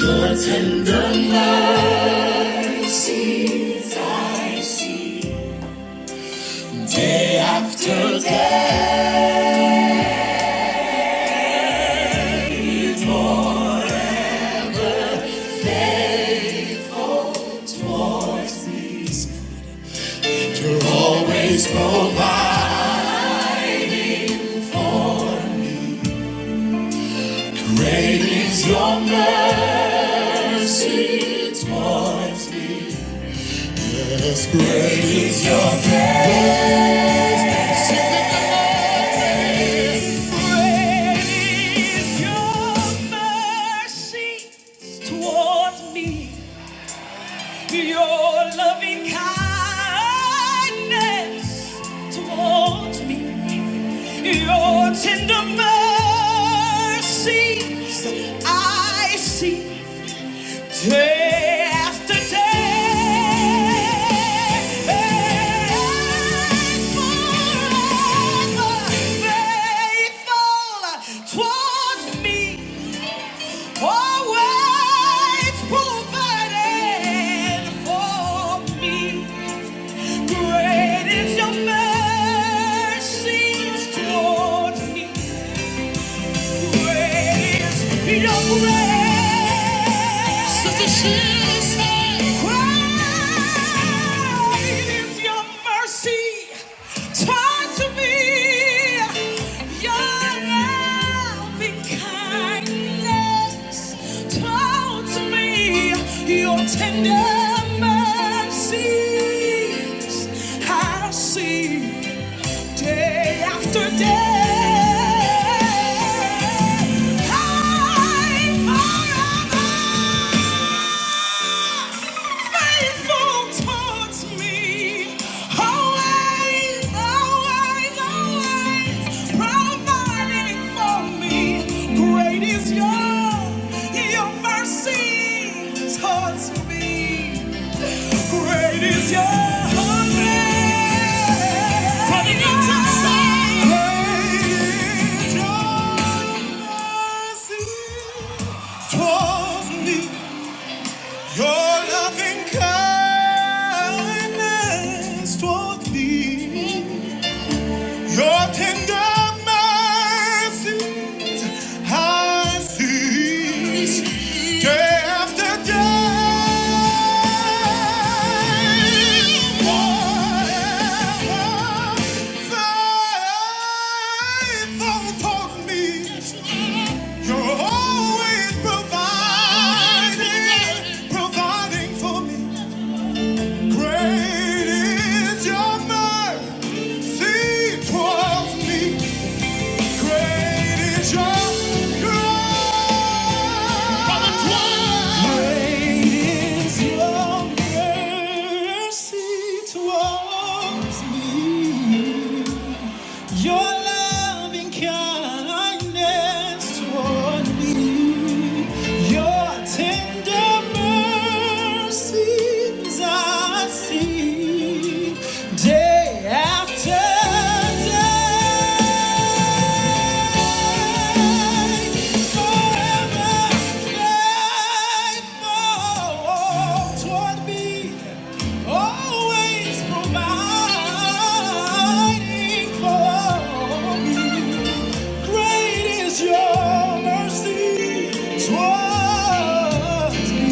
Your tender mercies I see day after day. Lord, please, You're always provide. Great is your mercy towards me. Yes, great is your grace. Great is your mercy towards me. Your loving kindness towards me, your tender mercies I see day after day. Forever faithful towards me. Always provided for me. Great is your mercy towards me. Your tender mercies I see. Day after day, I'm forever faithful towards me. Always, always, always providing for me. Great is your your mercy towards me. Great is your faithfulness. Great is your mercy towards me. Your loving kindness towards me. Your tender mercies I see day after day. Forever faithful towards me. You're always providing, providing for me. Great is your mercy towards me. Great is your mercy towards me. Your loving kindness toward me, your tender mercies I see day after day. Your mercy towards me,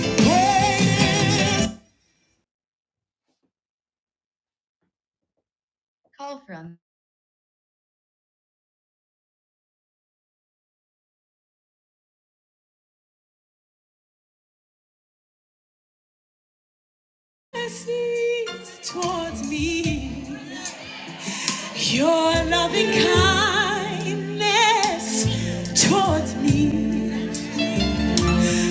great is mercy towards me. Your loving kindness towards me,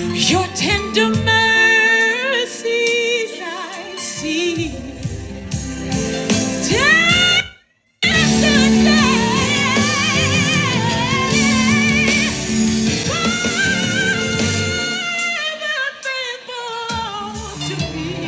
your tender mercies I see. Day after day, forever faithful to me.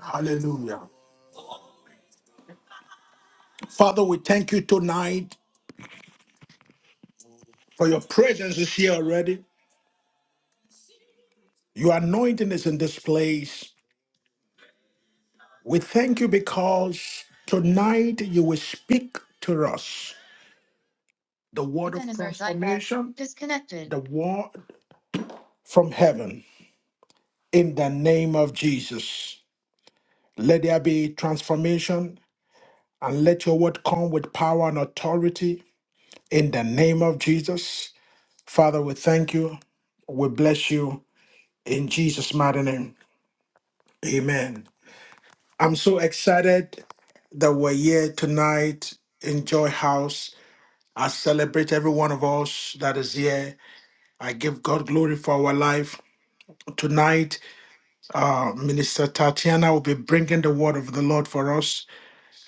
Hallelujah. Father, we thank you tonight for your presence is here already. Your anointing is in this place. We thank you because tonight you will speak to us the word, the word from heaven in the name of Jesus. Let there be transformation and let your word come with power and authority in the name of Jesus. Father, we thank you. We bless you in Jesus' mighty name. Amen. I'm so excited that we're here tonight in Joy House I celebrate every one of us that is here. I give God glory for our life. Tonight, uh, Minister Tatiana will be bringing the word of the Lord for us.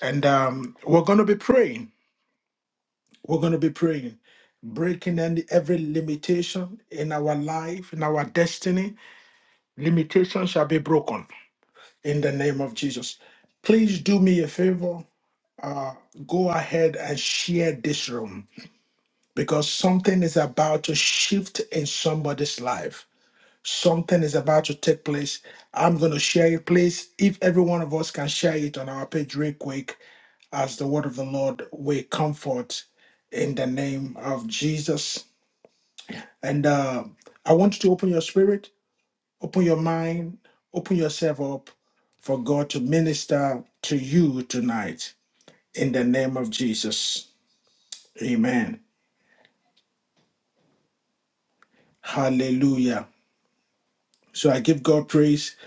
And um, we're going to be praying. We're going to be praying, breaking any, every limitation in our life, in our destiny. Limitation shall be broken in the name of Jesus. Please do me a favor. Go ahead and share this room because something is about to shift in somebody's life Something is about to take place. I'm going to share it, please. If every one of us can share it on our page real quick, as the word of the Lord will comfort in the name of Jesus. And uh, I want you to open your spirit, open your mind, open yourself up for God to minister to you tonight in the name of Jesus. Amen. Hallelujah. So I give God praise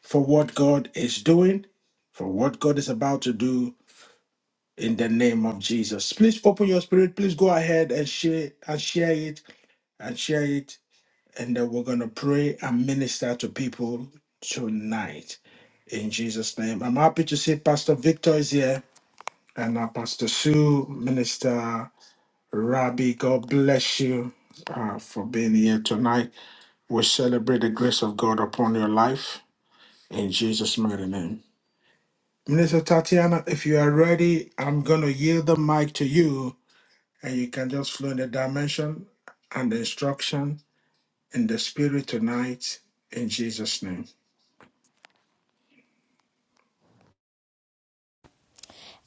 for what God is doing, for what God is about to do in the name of Jesus. Please open your spirit. Please go ahead and share and share it and share it. And then we're gonna pray and minister to people tonight in Jesus' name. I'm happy to see Pastor Victor is here and uh, Pastor Sue, Minister Rabbi. God bless you uh, for being here tonight. We celebrate the grace of God upon your life in Jesus' mighty name. Minister Tatiana, if you are ready, I'm gonna yield the mic to you and you can just flow in the dimension and the instruction in the spirit tonight in Jesus' name.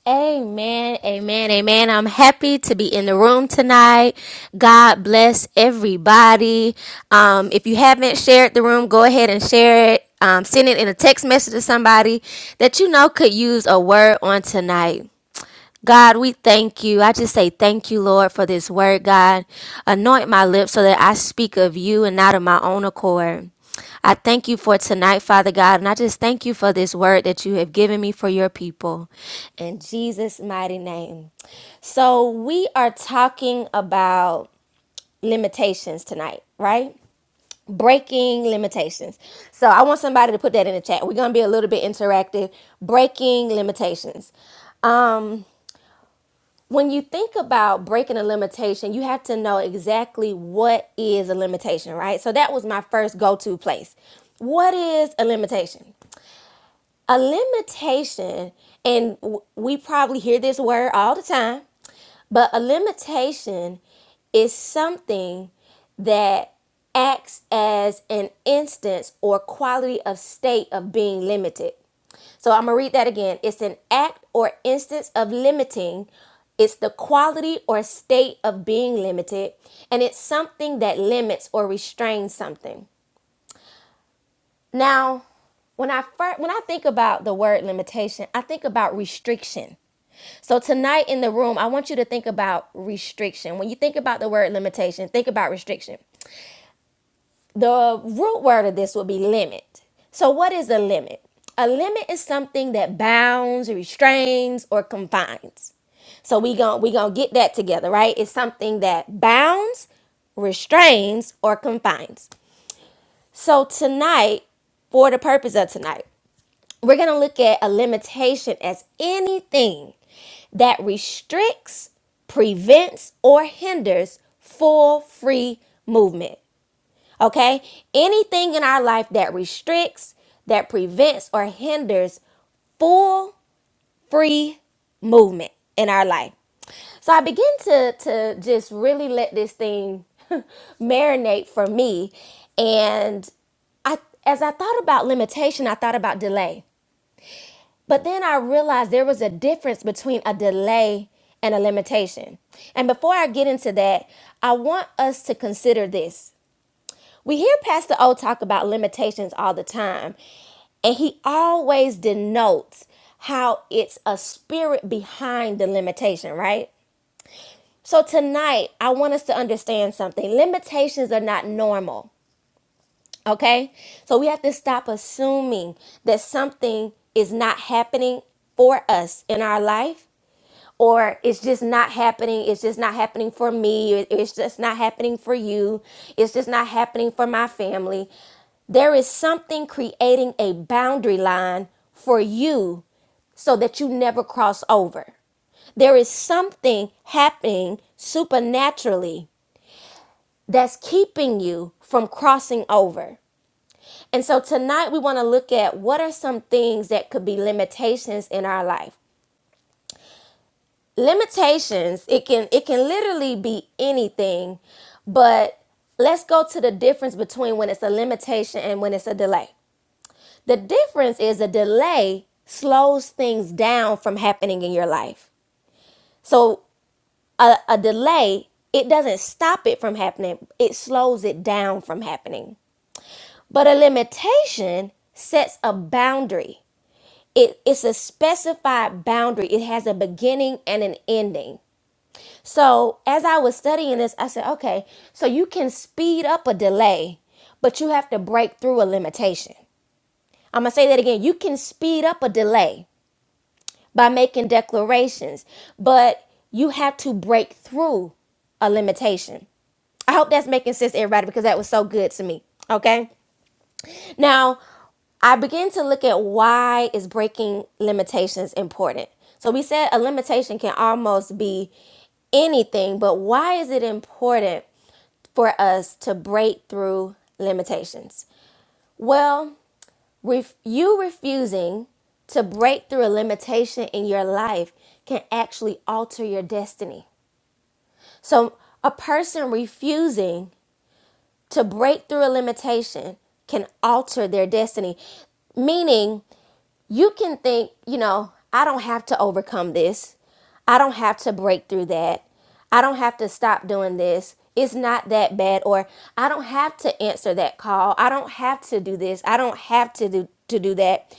Amen, amen, amen. I'm happy to be in the room tonight. God bless everybody. Um, if you haven't shared the room, go ahead and share it. Um, send it in a text message to somebody that you know could use a word on tonight. God, we thank you. I just say thank you, Lord, for this word, God. Anoint my lips so that I speak of you and not of my own accord. I thank you for tonight, Father God, and I just thank you for this word that you have given me for your people. In Jesus' mighty name. So, we are talking about limitations tonight, right? Breaking limitations. So, I want somebody to put that in the chat. We're going to be a little bit interactive. Breaking limitations. Um when you think about breaking a limitation, you have to know exactly what is a limitation, right? So that was my first go to place. What is a limitation? A limitation, and we probably hear this word all the time, but a limitation is something that acts as an instance or quality of state of being limited. So I'm going to read that again. It's an act or instance of limiting. It's the quality or state of being limited, and it's something that limits or restrains something. Now, when I first, when I think about the word limitation, I think about restriction. So tonight in the room, I want you to think about restriction. When you think about the word limitation, think about restriction. the root word of this would be limit. So, what is a limit? A limit is something that bounds, restrains, or confines. So we gon' we gonna get that together, right? It's something that bounds, restrains, or confines. So tonight, for the purpose of tonight, we're gonna look at a limitation as anything that restricts, prevents, or hinders full free movement. Okay? Anything in our life that restricts, that prevents, or hinders full free movement in our life. So I begin to to just really let this thing marinate for me. And I as I thought about limitation, I thought about delay. But then I realized there was a difference between a delay and a limitation. And before I get into that, I want us to consider this. We hear Pastor O talk about limitations all the time, and he always denotes how it's a spirit behind the limitation, right? So tonight, I want us to understand something. Limitations are not normal, okay? So we have to stop assuming that something is not happening for us in our life or it's just not happening it's just not happening for me it- it's just not happening for you it's just not happening for my family there is something creating a boundary line for you so that you never cross over there is something happening supernaturally that's keeping you from crossing over and so tonight we want to look at what are some things that could be limitations in our life limitations it can it can literally be anything but let's go to the difference between when it's a limitation and when it's a delay the difference is a delay slows things down from happening in your life so a, a delay it doesn't stop it from happening it slows it down from happening but a limitation sets a boundary it, it's a specified boundary it has a beginning and an ending So as I was studying this, I said, okay, so you can speed up a delay, but you have to break through a limitation. I'm gonna say that again. You can speed up a delay by making declarations, but you have to break through a limitation. I hope that's making sense, to everybody, because that was so good to me. Okay. Now, I began to look at why is breaking limitations important. So we said a limitation can almost be anything, but why is it important for us to break through limitations? Well, ref- you refusing to break through a limitation in your life can actually alter your destiny. So, a person refusing to break through a limitation can alter their destiny, meaning you can think, you know, I don't have to overcome this. I don't have to break through that. I don't have to stop doing this. It's not that bad or I don't have to answer that call. I don't have to do this. I don't have to do to do that.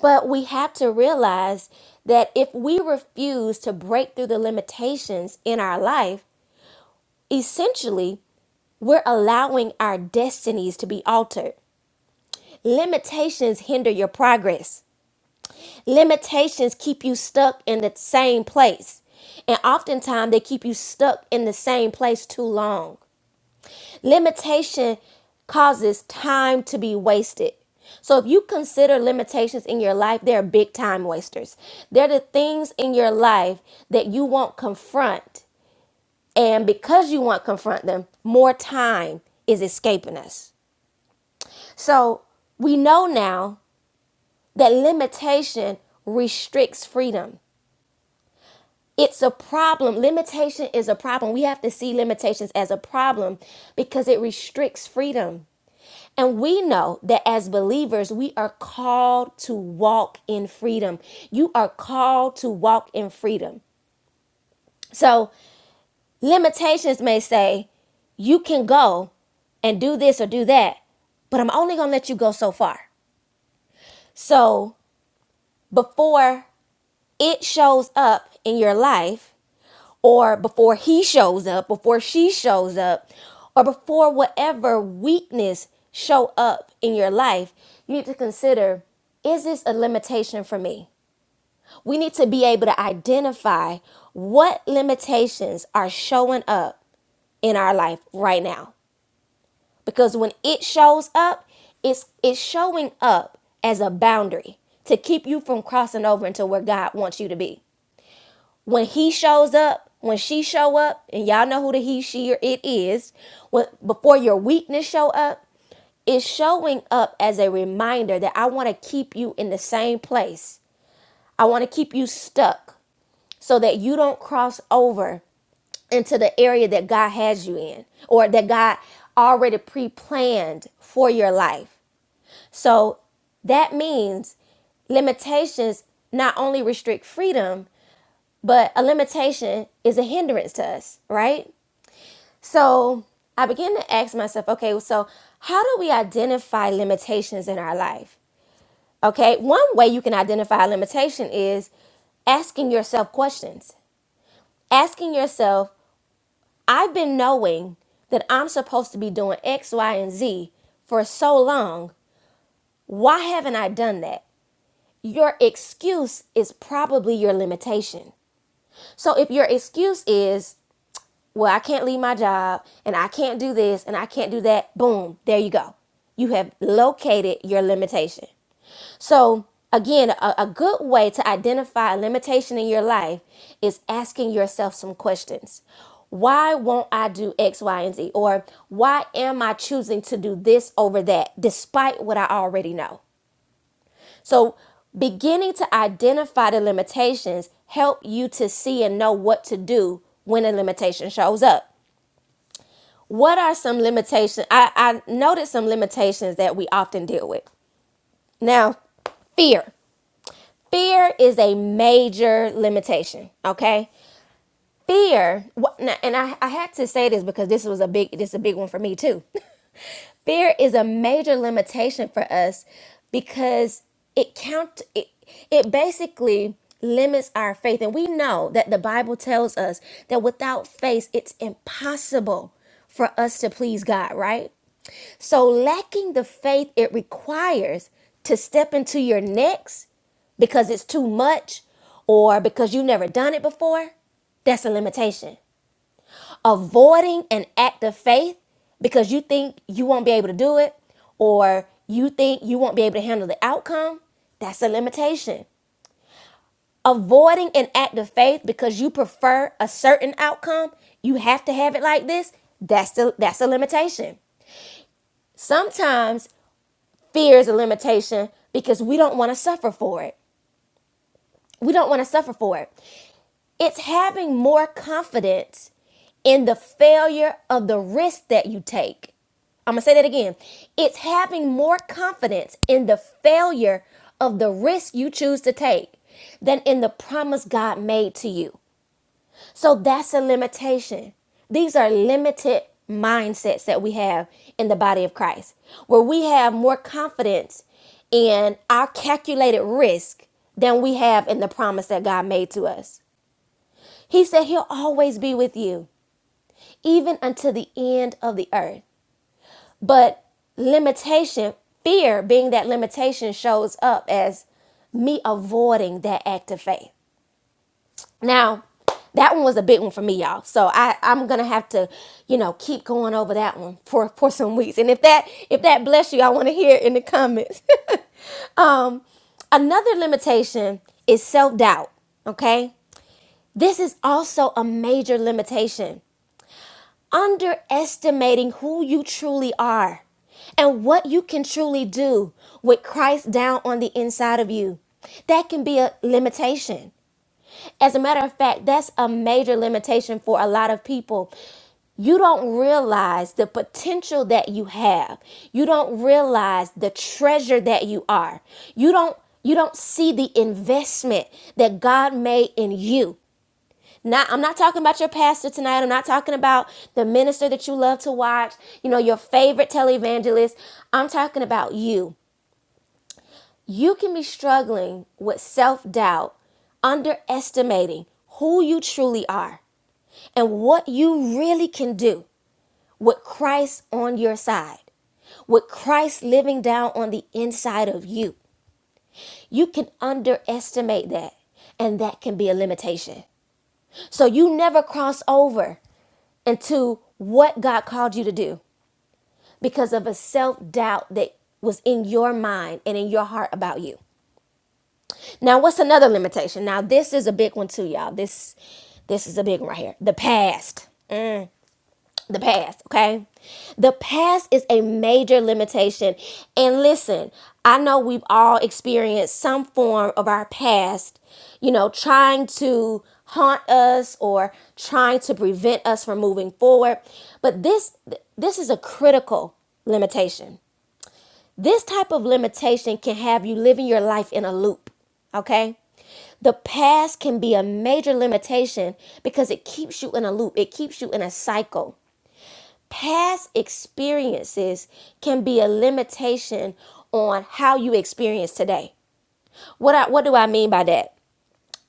But we have to realize that if we refuse to break through the limitations in our life, essentially we're allowing our destinies to be altered. Limitations hinder your progress. Limitations keep you stuck in the same place. And oftentimes they keep you stuck in the same place too long. Limitation causes time to be wasted. So if you consider limitations in your life, they're big time wasters. They're the things in your life that you won't confront. And because you won't confront them, more time is escaping us. So we know now that limitation restricts freedom. it's a problem. Limitation is a problem. We have to see limitations as a problem because it restricts freedom. And we know that as believers, we are called to walk in freedom. You are called to walk in freedom. So, limitations may say, you can go and do this or do that, but I'm only going to let you go so far. So, before it shows up in your life, or before he shows up, before she shows up, or before whatever weakness show up in your life, you need to consider is this a limitation for me? We need to be able to identify what limitations are showing up in our life right now. Because when it shows up, it's it's showing up as a boundary to keep you from crossing over into where God wants you to be when he shows up, when she show up, and y'all know who the he, she, or it is, when, before your weakness show up, it's showing up as a reminder that I want to keep you in the same place. I want to keep you stuck so that you don't cross over into the area that God has you in or that God already pre-planned for your life. So that means limitations not only restrict freedom, but a limitation is a hindrance to us, right? So I began to ask myself, okay, so how do we identify limitations in our life? Okay, one way you can identify a limitation is asking yourself questions. Asking yourself, I've been knowing that I'm supposed to be doing X, Y, and Z for so long. Why haven't I done that? Your excuse is probably your limitation. So if your excuse is well, I can't leave my job and I can't do this and I can't do that. Boom, there you go. You have located your limitation. So, again, a, a good way to identify a limitation in your life is asking yourself some questions. Why won't I do X, Y, and Z? Or why am I choosing to do this over that despite what I already know? So, beginning to identify the limitations help you to see and know what to do when a limitation shows up. What are some limitations? I, I noted some limitations that we often deal with. Now, fear. Fear is a major limitation. Okay, fear. and I, I had to say this because this was a big this is a big one for me too fear is a major limitation for us because it count it, it basically limits our faith and we know that the bible tells us that without faith it's impossible for us to please god right so lacking the faith it requires to step into your next because it's too much or because you've never done it before that's a limitation avoiding an act of faith because you think you won't be able to do it or you think you won't be able to handle the outcome, that's a limitation. Avoiding an act of faith because you prefer a certain outcome, you have to have it like this, that's the, that's a limitation. Sometimes fear is a limitation because we don't want to suffer for it. We don't want to suffer for it. It's having more confidence in the failure of the risk that you take. I'm going to say that again. It's having more confidence in the failure of the risk you choose to take than in the promise God made to you. So that's a limitation. These are limited mindsets that we have in the body of Christ, where we have more confidence in our calculated risk than we have in the promise that God made to us. He said he'll always be with you, even until the end of the earth. But limitation, fear being that limitation, shows up as me avoiding that act of faith. Now, that one was a big one for me, y'all. So I, I'm gonna have to, you know, keep going over that one for, for some weeks. And if that if that bless you, I want to hear it in the comments. Another limitation is self-doubt. Okay? This is also a major limitation. underestimating who you truly are and what you can truly do with Christ down on the inside of you. That can be a limitation. As a matter of fact, that's a major limitation for a lot of people. You don't realize the potential that you have. You don't realize the treasure that you are. You don't you don't see the investment that God made in you. Not, I'm not talking about your pastor tonight. I'm not talking about the minister that you love to watch, you know, your favorite televangelist. I'm talking about you. You can be struggling with self doubt, underestimating who you truly are and what you really can do with Christ on your side, with Christ living down on the inside of you. You can underestimate that, and that can be a limitation. So you never cross over into what God called you to do because of a self doubt that was in your mind and in your heart about you. Now, what's another limitation? Now, this is a big one too, y'all. This this is a big one right here. The past. the past, okay? The past is a major limitation. And listen, I know we've all experienced some form of our past, you know, trying to haunt us or trying to prevent us from moving forward, but this this is a critical limitation. This type of limitation can have you living your life in a loop, okay? The past can be a major limitation because it keeps you in a loop. It keeps you in a cycle Past experiences can be a limitation on how you experience today. What I, what do I mean by that?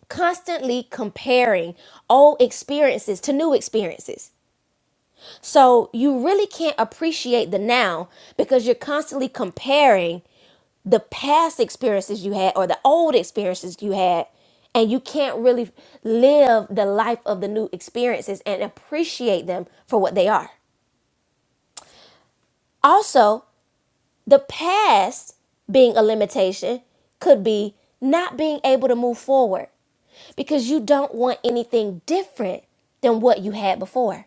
Constantly comparing old experiences to new experiences. So you really can't appreciate the now because you're constantly comparing the past experiences you had or the old experiences you had and you can't really live the life of the new experiences and appreciate them for what they are. Also, The past being a limitation could be not being able to move forward because you don't want anything different than what you had before.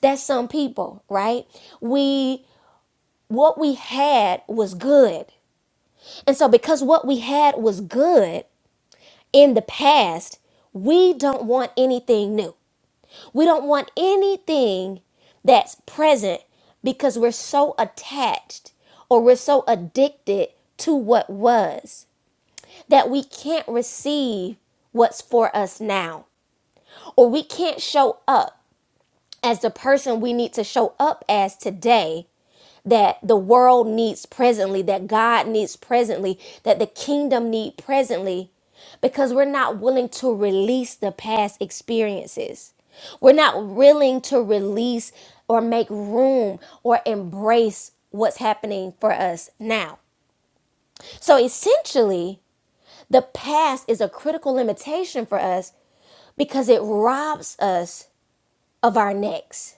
That's some people, right? We what we had was good. And so because what we had was good in the past, we don't want anything new. We don't want anything that's present because we're so attached or we're so addicted to what was that we can't receive what's for us now or we can't show up as the person we need to show up as today that the world needs presently, that God needs presently, that the kingdom need presently because we're not willing to release the past experiences. We're not willing to release or make room or embrace what's happening for us now. So essentially, the past is a critical limitation for us because it robs us of our next.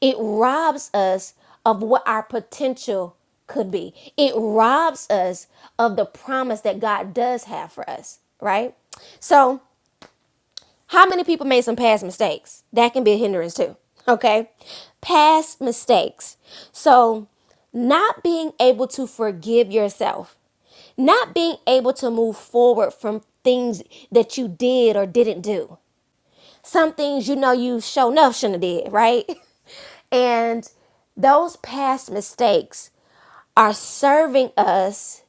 It robs us of what our potential could be. It robs us of the promise that God does have for us, right? So, how many people made some past mistakes? That can be a hindrance too, okay? Past mistakes. So, not being able to forgive yourself, not being able to move forward from things that you did or didn't do. Some things you know you shown up shouldn't have did, right? And those past mistakes are serving us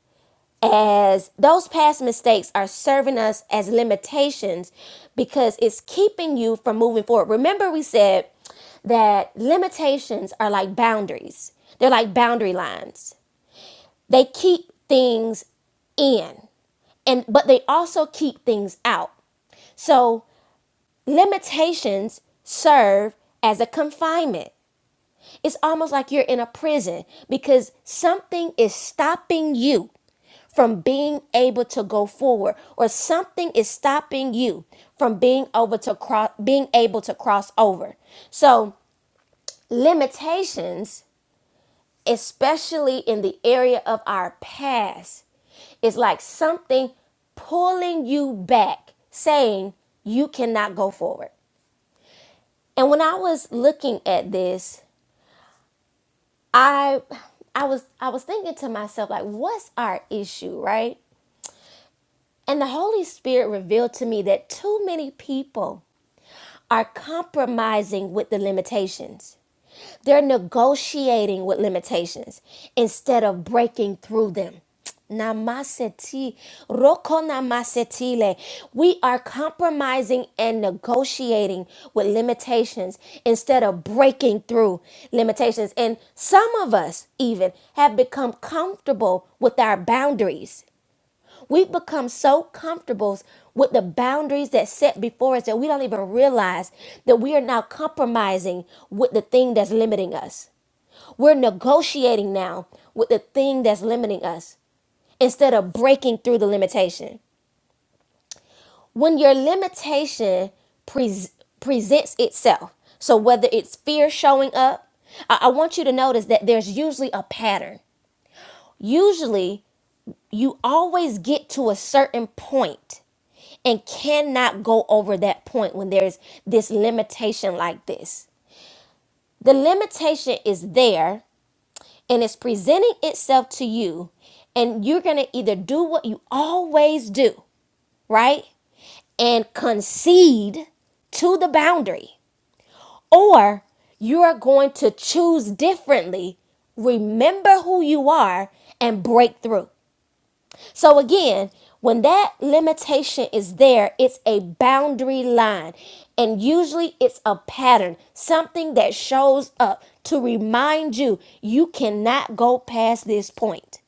as those past mistakes are serving us as limitations because it's keeping you from moving forward. Remember, we said that limitations are like boundaries, they're like boundary lines, they keep things in and but they also keep things out so limitations serve as a confinement It's almost like you're in a prison because something is stopping you from being able to go forward or something is stopping you from being over to cross being able to cross over. So, limitations, especially in the area of our past, is like something pulling you back, saying you cannot go forward. And when I was looking at this, I I was I was thinking to myself like what's our issue, right? And the Holy Spirit revealed to me that too many people are compromising with the limitations. They're negotiating with limitations instead of breaking through them. Namaseti, rokonamasitile. We are compromising and negotiating with limitations instead of breaking through limitations. And some of us even have become comfortable with our boundaries. We've become so comfortable with the boundaries that set before us that we don't even realize that we are now compromising with the thing that's limiting us. We're negotiating now with the thing that's limiting us instead of breaking through the limitation. When your limitation pres presents itself, so whether it's fear showing up, I-, I want you to notice that there's usually a pattern. Usually, you always get to a certain point and cannot go over that point when there's this limitation like this. The limitation is there and it's presenting itself to you and you're going to either do what you always do, right? And concede to the boundary or you are going to choose differently, remember who you are and break through. So again, when that limitation is there, it's a boundary line. And usually it's a pattern, something that shows up to remind you you cannot go past this point.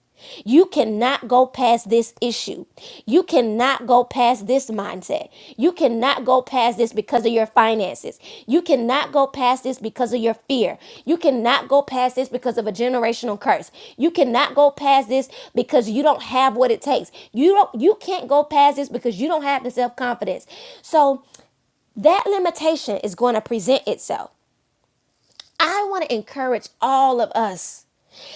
You cannot go past this issue. You cannot go past this mindset. You cannot go past this because of your finances. You cannot go past this because of your fear. You cannot go past this because of a generational curse. You cannot go past this because you don't have what it takes. You don't you can't go past this because you don't have the self-confidence. So that limitation is going to present itself. I want to encourage all of us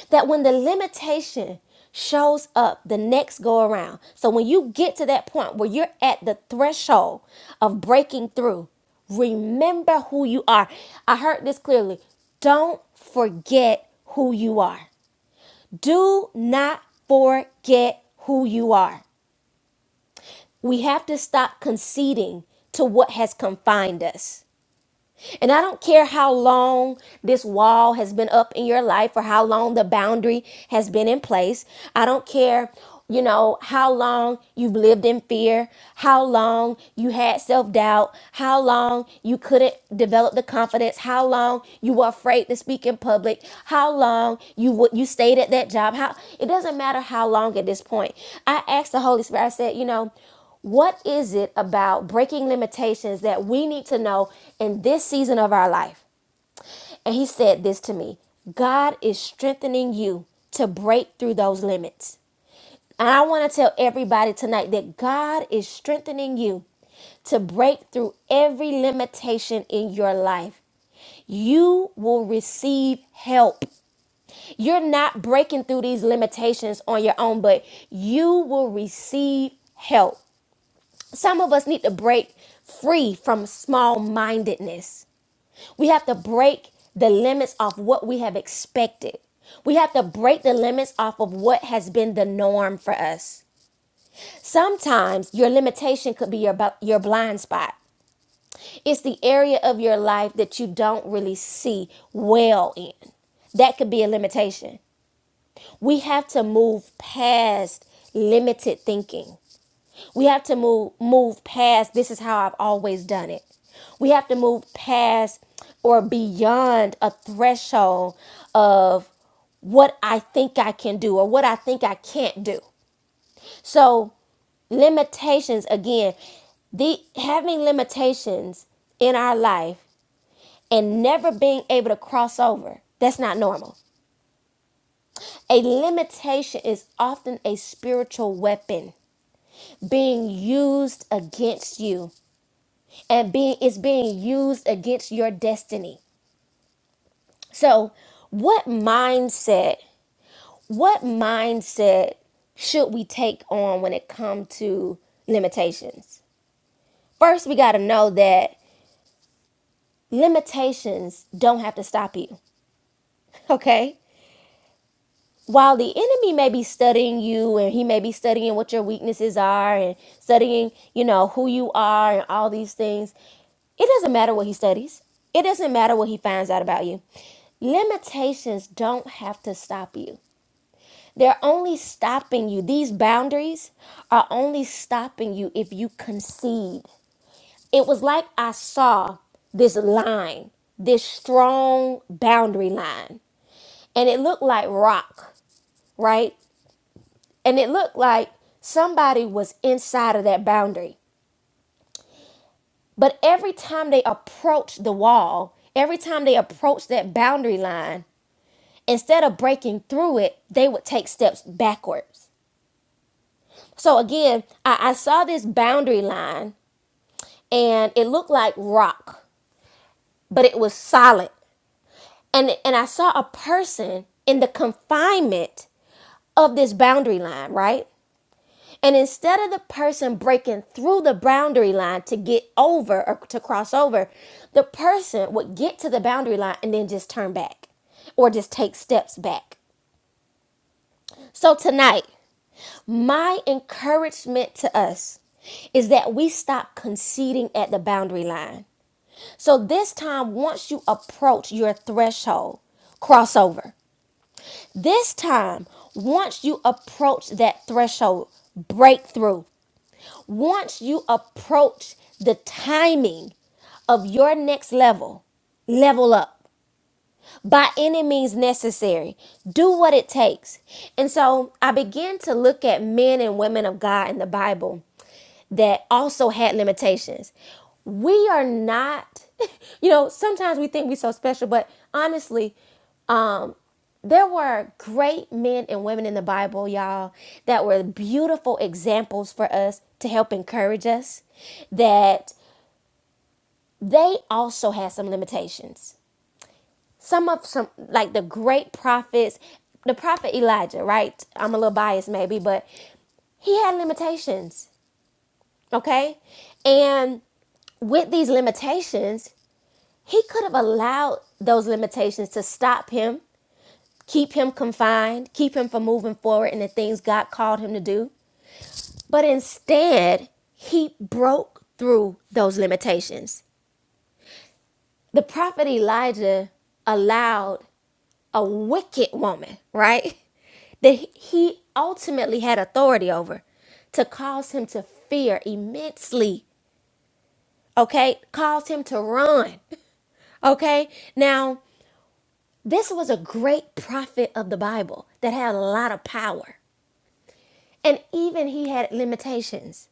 that when the limitation shows up the next go around, so when you get to that point where you're at the threshold of breaking through, remember who you are. I heard this clearly. Don't forget who you are. Do not forget who you are. We have to stop conceding to what has confined us. And I don't care how long this wall has been up in your life or how long the boundary has been in place. I don't care, you know, how long you've lived in fear, how long you had self doubt, how long you couldn't develop the confidence, how long you were afraid to speak in public, how long you would you stayed at that job. How it doesn't matter how long at this point. I asked the Holy Spirit. I said, you know. What is it about breaking limitations that we need to know in this season of our life? And he said this to me God is strengthening you to break through those limits. And I want to tell everybody tonight that God is strengthening you to break through every limitation in your life. You will receive help. You're not breaking through these limitations on your own, but you will receive help. Some of us need to break free from small mindedness. We have to break the limits of what we have expected. We have to break the limits off of what has been the norm for us. Sometimes your limitation could be your, bu- your blind spot. It's the area of your life that you don't really see well in. That could be a limitation. We have to move past limited thinking. We have to move move past this is how I've always done it. We have to move past or beyond a threshold of what I think I can do or what I think I can't do. So, limitations again, the having limitations in our life and never being able to cross over, that's not normal. A limitation is often a spiritual weapon being used against you and being it's being used against your destiny. So, what mindset, what mindset should we take on when it comes to limitations? First, we got to know that limitations don't have to stop you. Okay? while the enemy may be studying you and he may be studying what your weaknesses are and studying, you know, who you are and all these things, it doesn't matter what he studies. It doesn't matter what he finds out about you. Limitations don't have to stop you. They're only stopping you. These boundaries are only stopping you if you concede. It was like I saw this line, this strong boundary line, and it looked like rock, right? And it looked like somebody was inside of that boundary. But every time they approached the wall, every time they approached that boundary line, instead of breaking through it, they would take steps backwards. So again, I, I saw this boundary line and it looked like rock, but it was solid. And, and I saw a person in the confinement of this boundary line, right? And instead of the person breaking through the boundary line to get over or to cross over, the person would get to the boundary line and then just turn back or just take steps back. So tonight, my encouragement to us is that we stop conceding at the boundary line. So this time, once you approach your threshold, cross over. This time, once you approach that threshold, break through. once you approach the timing of your next level, level up by any means necessary. Do what it takes. And so I began to look at men and women of God in the Bible that also had limitations. We are not, you know, sometimes we think we're so special, but honestly, there were great men and women in the Bible, y'all, that were beautiful examples for us to help encourage us. That they also had some limitations. Some of some like the great prophets, the prophet Elijah, right? I'm a little biased maybe, but he had limitations, okay? And with these limitations, he could have allowed those limitations to stop him, keep him confined, keep him from moving forward in the things God called him to do. But instead, he broke through those limitations. The prophet Elijah allowed a wicked woman, right? That he ultimately had authority over to cause him to fear immensely, okay? Caused him to run, okay? Now, this was a great prophet of the Bible that had a lot of power. And even he had limitations.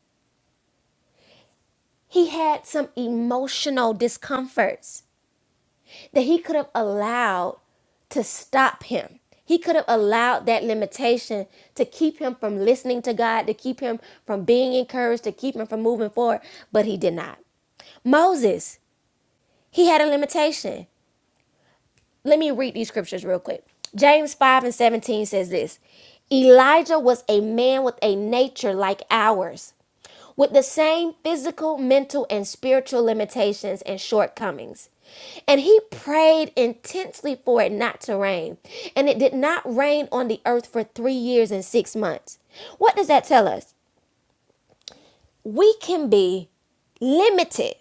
He had some emotional discomforts that he could have allowed to stop him. He could have allowed that limitation to keep him from listening to God, to keep him from being encouraged, to keep him from moving forward, but he did not. Moses, he had a limitation let me read these scriptures real quick. James 5 and 17 says this Elijah was a man with a nature like ours, with the same physical, mental, and spiritual limitations and shortcomings. And he prayed intensely for it not to rain. And it did not rain on the earth for three years and six months. What does that tell us? We can be limited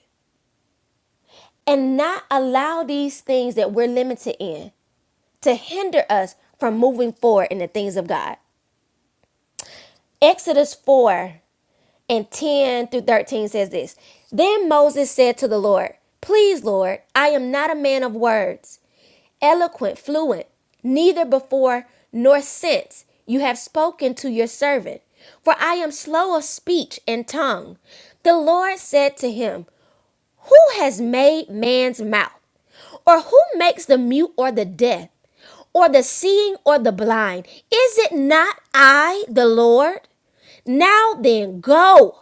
and not allow these things that we're limited in to hinder us from moving forward in the things of God. Exodus 4 and 10 through 13 says this Then Moses said to the Lord, Please, Lord, I am not a man of words, eloquent, fluent, neither before nor since you have spoken to your servant, for I am slow of speech and tongue. The Lord said to him, who has made man's mouth? Or who makes the mute or the deaf? Or the seeing or the blind? Is it not I, the Lord? Now then, go,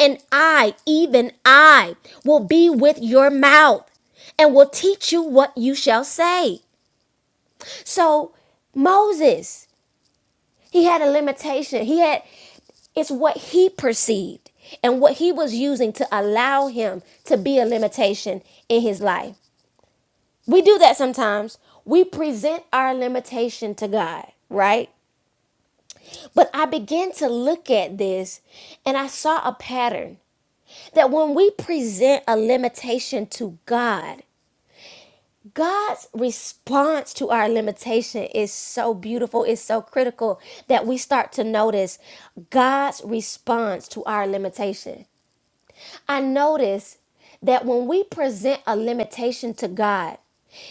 and I, even I, will be with your mouth and will teach you what you shall say. So, Moses, he had a limitation. He had, it's what he perceived and what he was using to allow him to be a limitation in his life. We do that sometimes. We present our limitation to God, right? But I began to look at this and I saw a pattern that when we present a limitation to God, God's response to our limitation is so beautiful, it's so critical that we start to notice God's response to our limitation. I notice that when we present a limitation to God,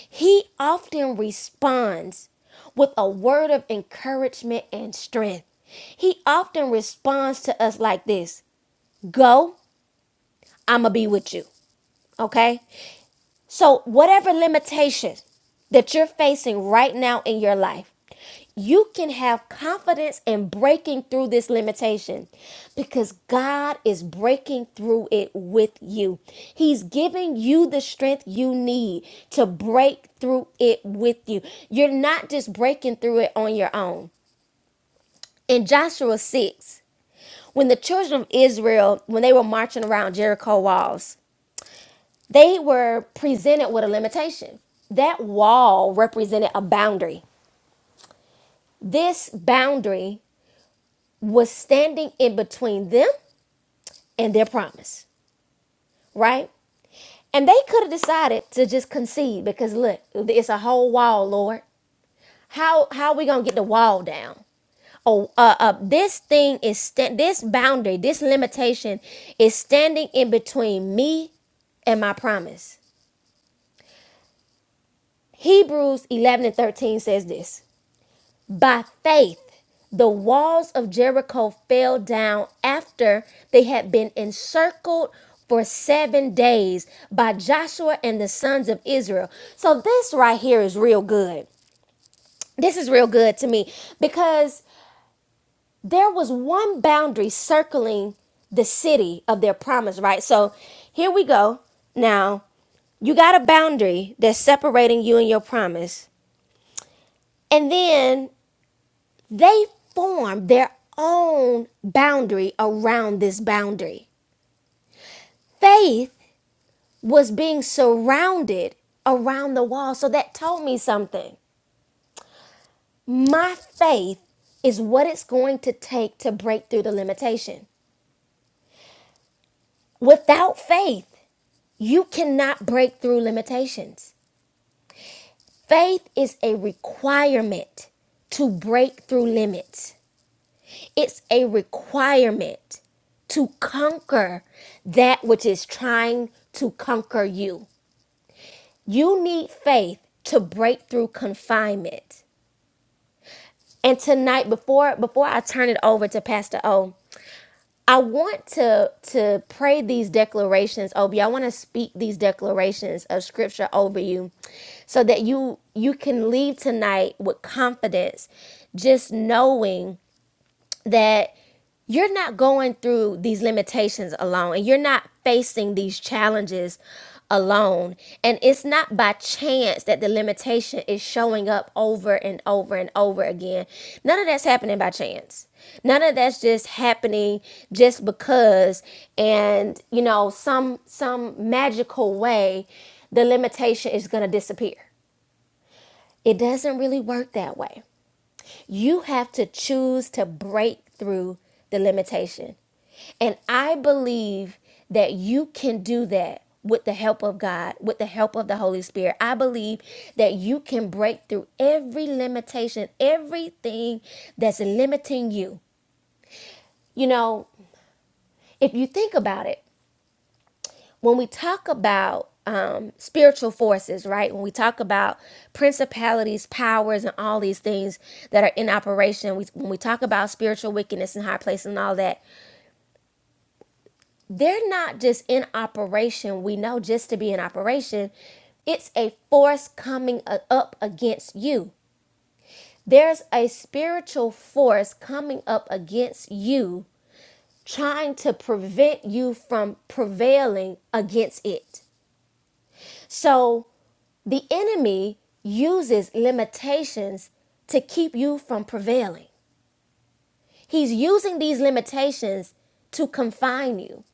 He often responds with a word of encouragement and strength. He often responds to us like this Go, I'm going to be with you. Okay? So, whatever limitations that you're facing right now in your life, you can have confidence in breaking through this limitation because God is breaking through it with you. He's giving you the strength you need to break through it with you. You're not just breaking through it on your own. In Joshua 6, when the children of Israel, when they were marching around Jericho walls, they were presented with a limitation. That wall represented a boundary. This boundary was standing in between them and their promise, right? And they could have decided to just concede because look, it's a whole wall, Lord. How how we gonna get the wall down? Oh, uh, uh, this thing is sta- this boundary, this limitation is standing in between me and my promise. Hebrews 11 and 13 says this By faith, the walls of Jericho fell down after they had been encircled for seven days by Joshua and the sons of Israel. So, this right here is real good. This is real good to me because there was one boundary circling the city of their promise, right? So, here we go. Now, you got a boundary that's separating you and your promise. And then they formed their own boundary around this boundary. Faith was being surrounded around the wall. So that told me something. My faith is what it's going to take to break through the limitation. Without faith, you cannot break through limitations. Faith is a requirement to break through limits. It's a requirement to conquer that which is trying to conquer you. You need faith to break through confinement. And tonight, before before I turn it over to Pastor O, I want to to pray these declarations over you. I want to speak these declarations of scripture over you so that you you can leave tonight with confidence, just knowing that you're not going through these limitations alone and you're not facing these challenges alone and it's not by chance that the limitation is showing up over and over and over again none of that's happening by chance none of that's just happening just because and you know some some magical way the limitation is going to disappear it doesn't really work that way you have to choose to break through the limitation. And I believe that you can do that with the help of God, with the help of the Holy Spirit. I believe that you can break through every limitation, everything that's limiting you. You know, if you think about it, when we talk about um, spiritual forces, right? When we talk about principalities, powers, and all these things that are in operation, we, when we talk about spiritual wickedness in high places and all that, they're not just in operation. We know just to be in operation, it's a force coming up against you. There's a spiritual force coming up against you, trying to prevent you from prevailing against it. So The enemy uses limitations to keep you from prevailing. He's using these limitations to confine you.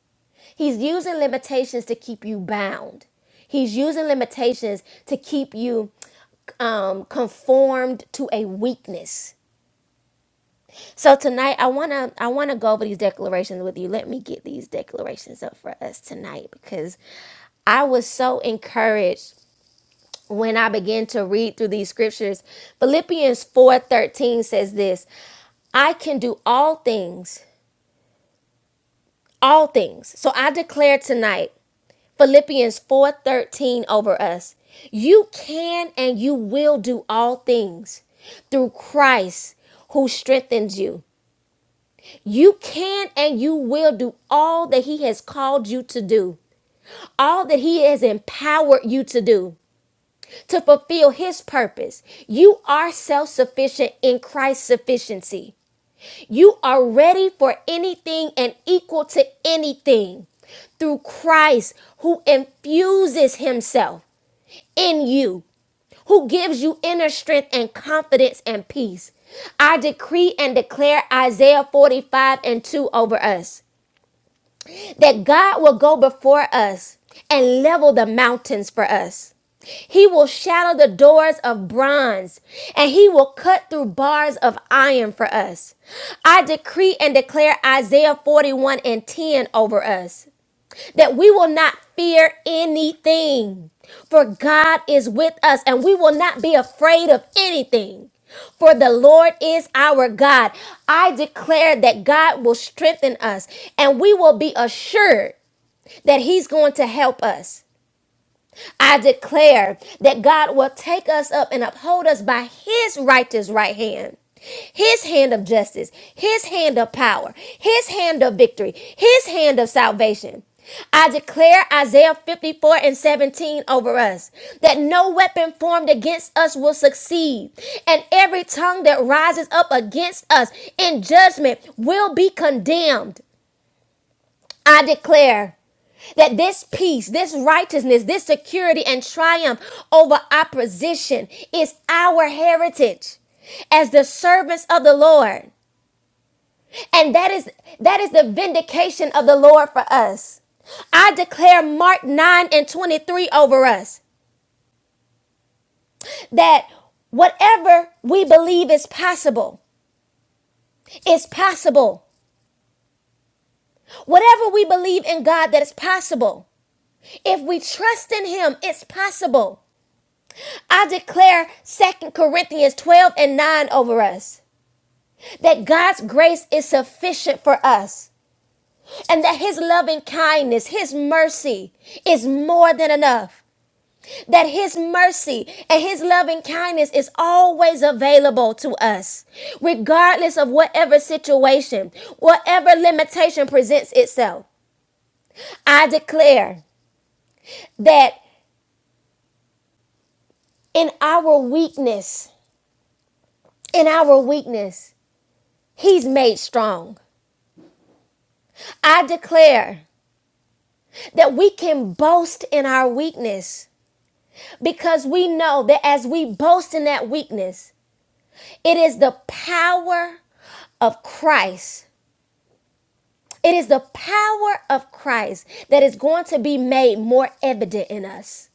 He's using limitations to keep you bound. He's using limitations to keep you um, conformed to a weakness. So tonight, I wanna I wanna go over these declarations with you. Let me get these declarations up for us tonight because I was so encouraged when I begin to read through these scriptures. Philippians 4:13 says this, I can do all things, all things. So I declare tonight, Philippians 4:13 over us. You can and you will do all things through Christ who strengthens you. You can and you will do all that he has called you to do. All that he has empowered you to do. to fulfill his purpose. You are self sufficient in Christ's sufficiency. You are ready for anything and equal to anything through Christ who infuses himself in you, who gives you inner strength and confidence and peace. I decree and declare Isaiah 45 and 2 over us that God will go before us and level the mountains for us. He will shatter the doors of bronze and he will cut through bars of iron for us. I decree and declare Isaiah 41 and 10 over us that we will not fear anything. For God is with us and we will not be afraid of anything. For the Lord is our God. I declare that God will strengthen us and we will be assured that He's going to help us. I declare that God will take us up and uphold us by his righteous right hand. His hand of justice, his hand of power, his hand of victory, his hand of salvation. I declare Isaiah 54 and 17 over us that no weapon formed against us will succeed, and every tongue that rises up against us in judgment will be condemned. I declare that this peace, this righteousness, this security and triumph over opposition is our heritage as the servants of the Lord. And that is that is the vindication of the Lord for us. I declare Mark 9 and 23 over us that whatever we believe is possible is possible. Whatever we believe in God that is possible. If we trust in him, it's possible. I declare Second Corinthians 12 and 9 over us that God's grace is sufficient for us and that his loving kindness, his mercy is more than enough. That his mercy and his loving kindness is always available to us, regardless of whatever situation, whatever limitation presents itself. I declare that in our weakness, in our weakness, he's made strong. I declare that we can boast in our weakness because we know that as we boast in that weakness, it is the power of Christ. It is the power of Christ that is going to be made more evident in us.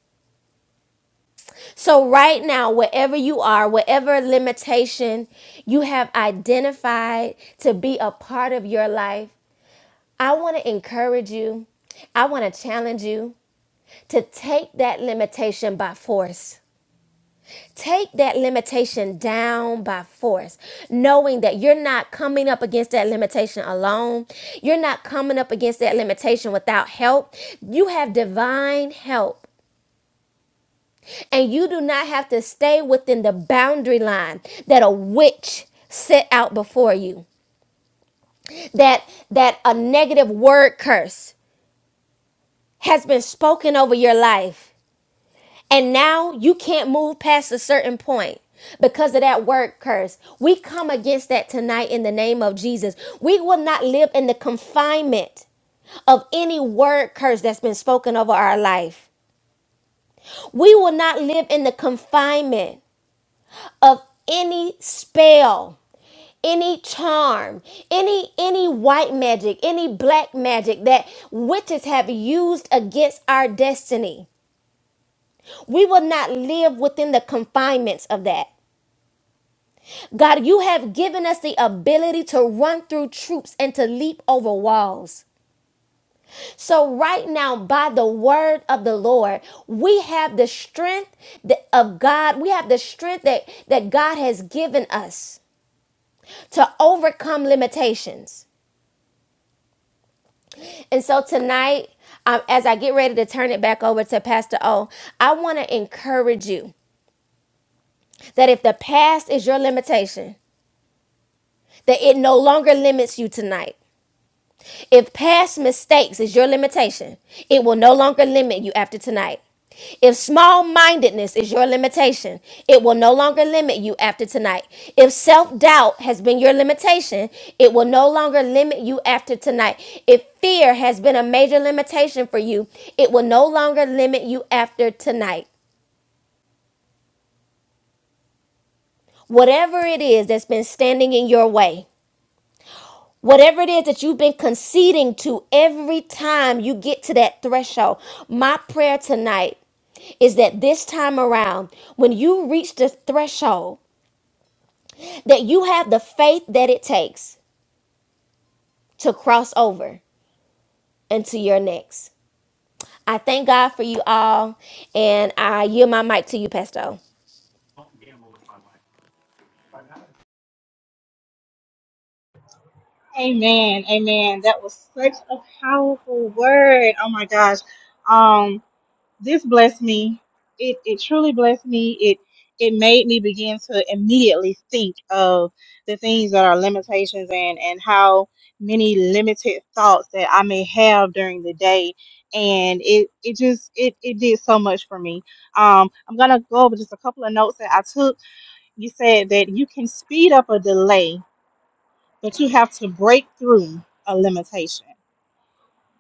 So, right now, wherever you are, whatever limitation you have identified to be a part of your life, I want to encourage you. I want to challenge you. to take that limitation by force. Take that limitation down by force, knowing that you're not coming up against that limitation alone. You're not coming up against that limitation without help. You have divine help, and you do not have to stay within the boundary line that a witch set out before you. That that a negative word curse has been spoken over your life And now you can't move past a certain point because of that word curse. We come against that tonight in the name of Jesus. We will not live in the confinement of any word curse that's been spoken over our life. We will not live in the confinement of any spell, any charm, any any white magic, any black magic that witches have used against our destiny. We will not live within the confinements of that. God, you have given us the ability to run through troops and to leap over walls. So, right now, by the word of the Lord, we have the strength that- of God. We have the strength that, that God has given us to overcome limitations. And so, tonight, um, as I get ready to turn it back over to Pastor O, I want to encourage you that if the past is your limitation, that it no longer limits you tonight. If past mistakes is your limitation, it will no longer limit you after tonight. If small mindedness is your limitation, it will no longer limit you after tonight. If self doubt has been your limitation, it will no longer limit you after tonight. If fear has been a major limitation for you, it will no longer limit you after tonight. Whatever it is that's been standing in your way, Whatever it is that you've been conceding to every time you get to that threshold, my prayer tonight is that this time around, when you reach the threshold, that you have the faith that it takes to cross over into your next. I thank God for you all, and I yield my mic to you, Pesto. Amen. Amen. That was such a powerful word. Oh my gosh. Um, this blessed me. It it truly blessed me. It it made me begin to immediately think of the things that are limitations and and how many limited thoughts that I may have during the day. And it it just it it did so much for me. Um, I'm gonna go over just a couple of notes that I took. You said that you can speed up a delay but you have to break through a limitation.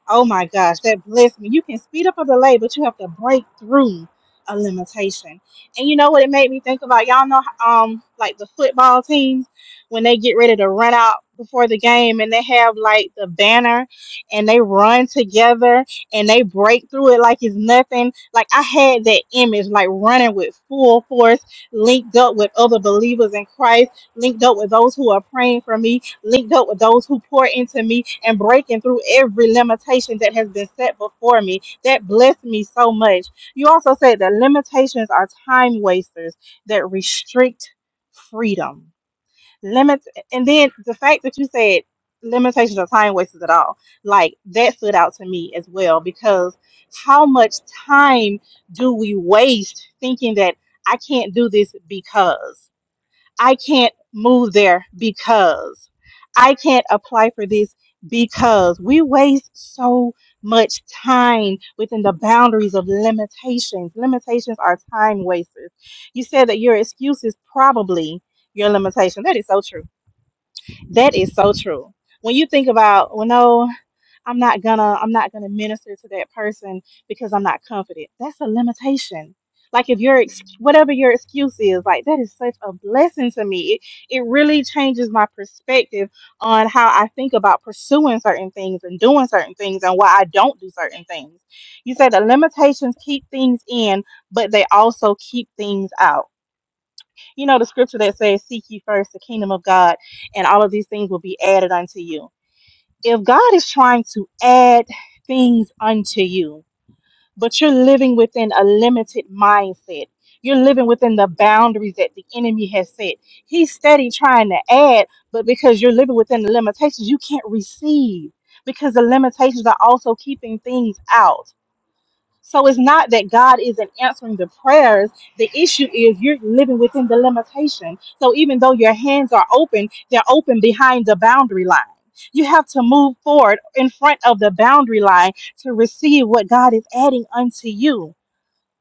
Oh my gosh, that blessed me. You can speed up or delay, but you have to break through a limitation. And you know what it made me think about? Y'all know um like the football teams when they get ready to run out before the game and they have like the banner and they run together and they break through it like it's nothing. Like I had that image like running with full force, linked up with other believers in Christ, linked up with those who are praying for me linked up with those who pour into me and breaking through every limitation that has been set before me. That blessed me so much. You also said that limitations are time wasters that restrict freedom. Limits, and then the fact that you said limitations are time wasters at all, like that stood out to me as well because how much time do we waste thinking that I can't do this because? I can't move there because I can't apply for this because we waste so much time within the boundaries of limitations. Limitations are time wasters. You said that your excuse is probably your limitation. That is so true. That is so true. When you think about, well, no. I'm not gonna I'm not gonna minister to that person because I'm not confident. That's a limitation. Like if your ex- whatever your excuse is, like that is such a blessing to me. It, it really changes my perspective on how I think about pursuing certain things and doing certain things and why I don't do certain things. You said the limitations keep things in, but they also keep things out. You know the scripture that says, "Seek ye first the kingdom of God, and all of these things will be added unto you." if God is trying to add things unto you, but you're living within a limited mindset, you're living within the boundaries that the enemy has set. He's steady trying to add, but because you're living within the limitations, you can't receive because the limitations are also keeping things out. So it's not that God isn't answering the prayers. The issue is you're living within the limitation. So even though your hands are open, they're open behind the boundary line. You have to move forward in front of the boundary line to receive what God is adding unto you.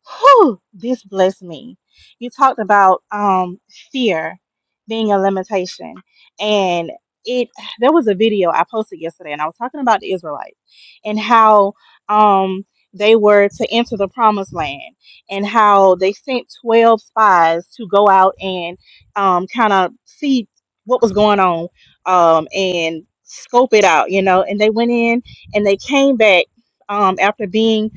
Whew, this blessed me. You talked about um fear being a limitation. And it there was a video I posted yesterday and I was talking about the Israelites and how um they were to enter the promised land and how they sent 12 spies to go out and um kind of see what was going on um and scope it out, you know, and they went in and they came back um after being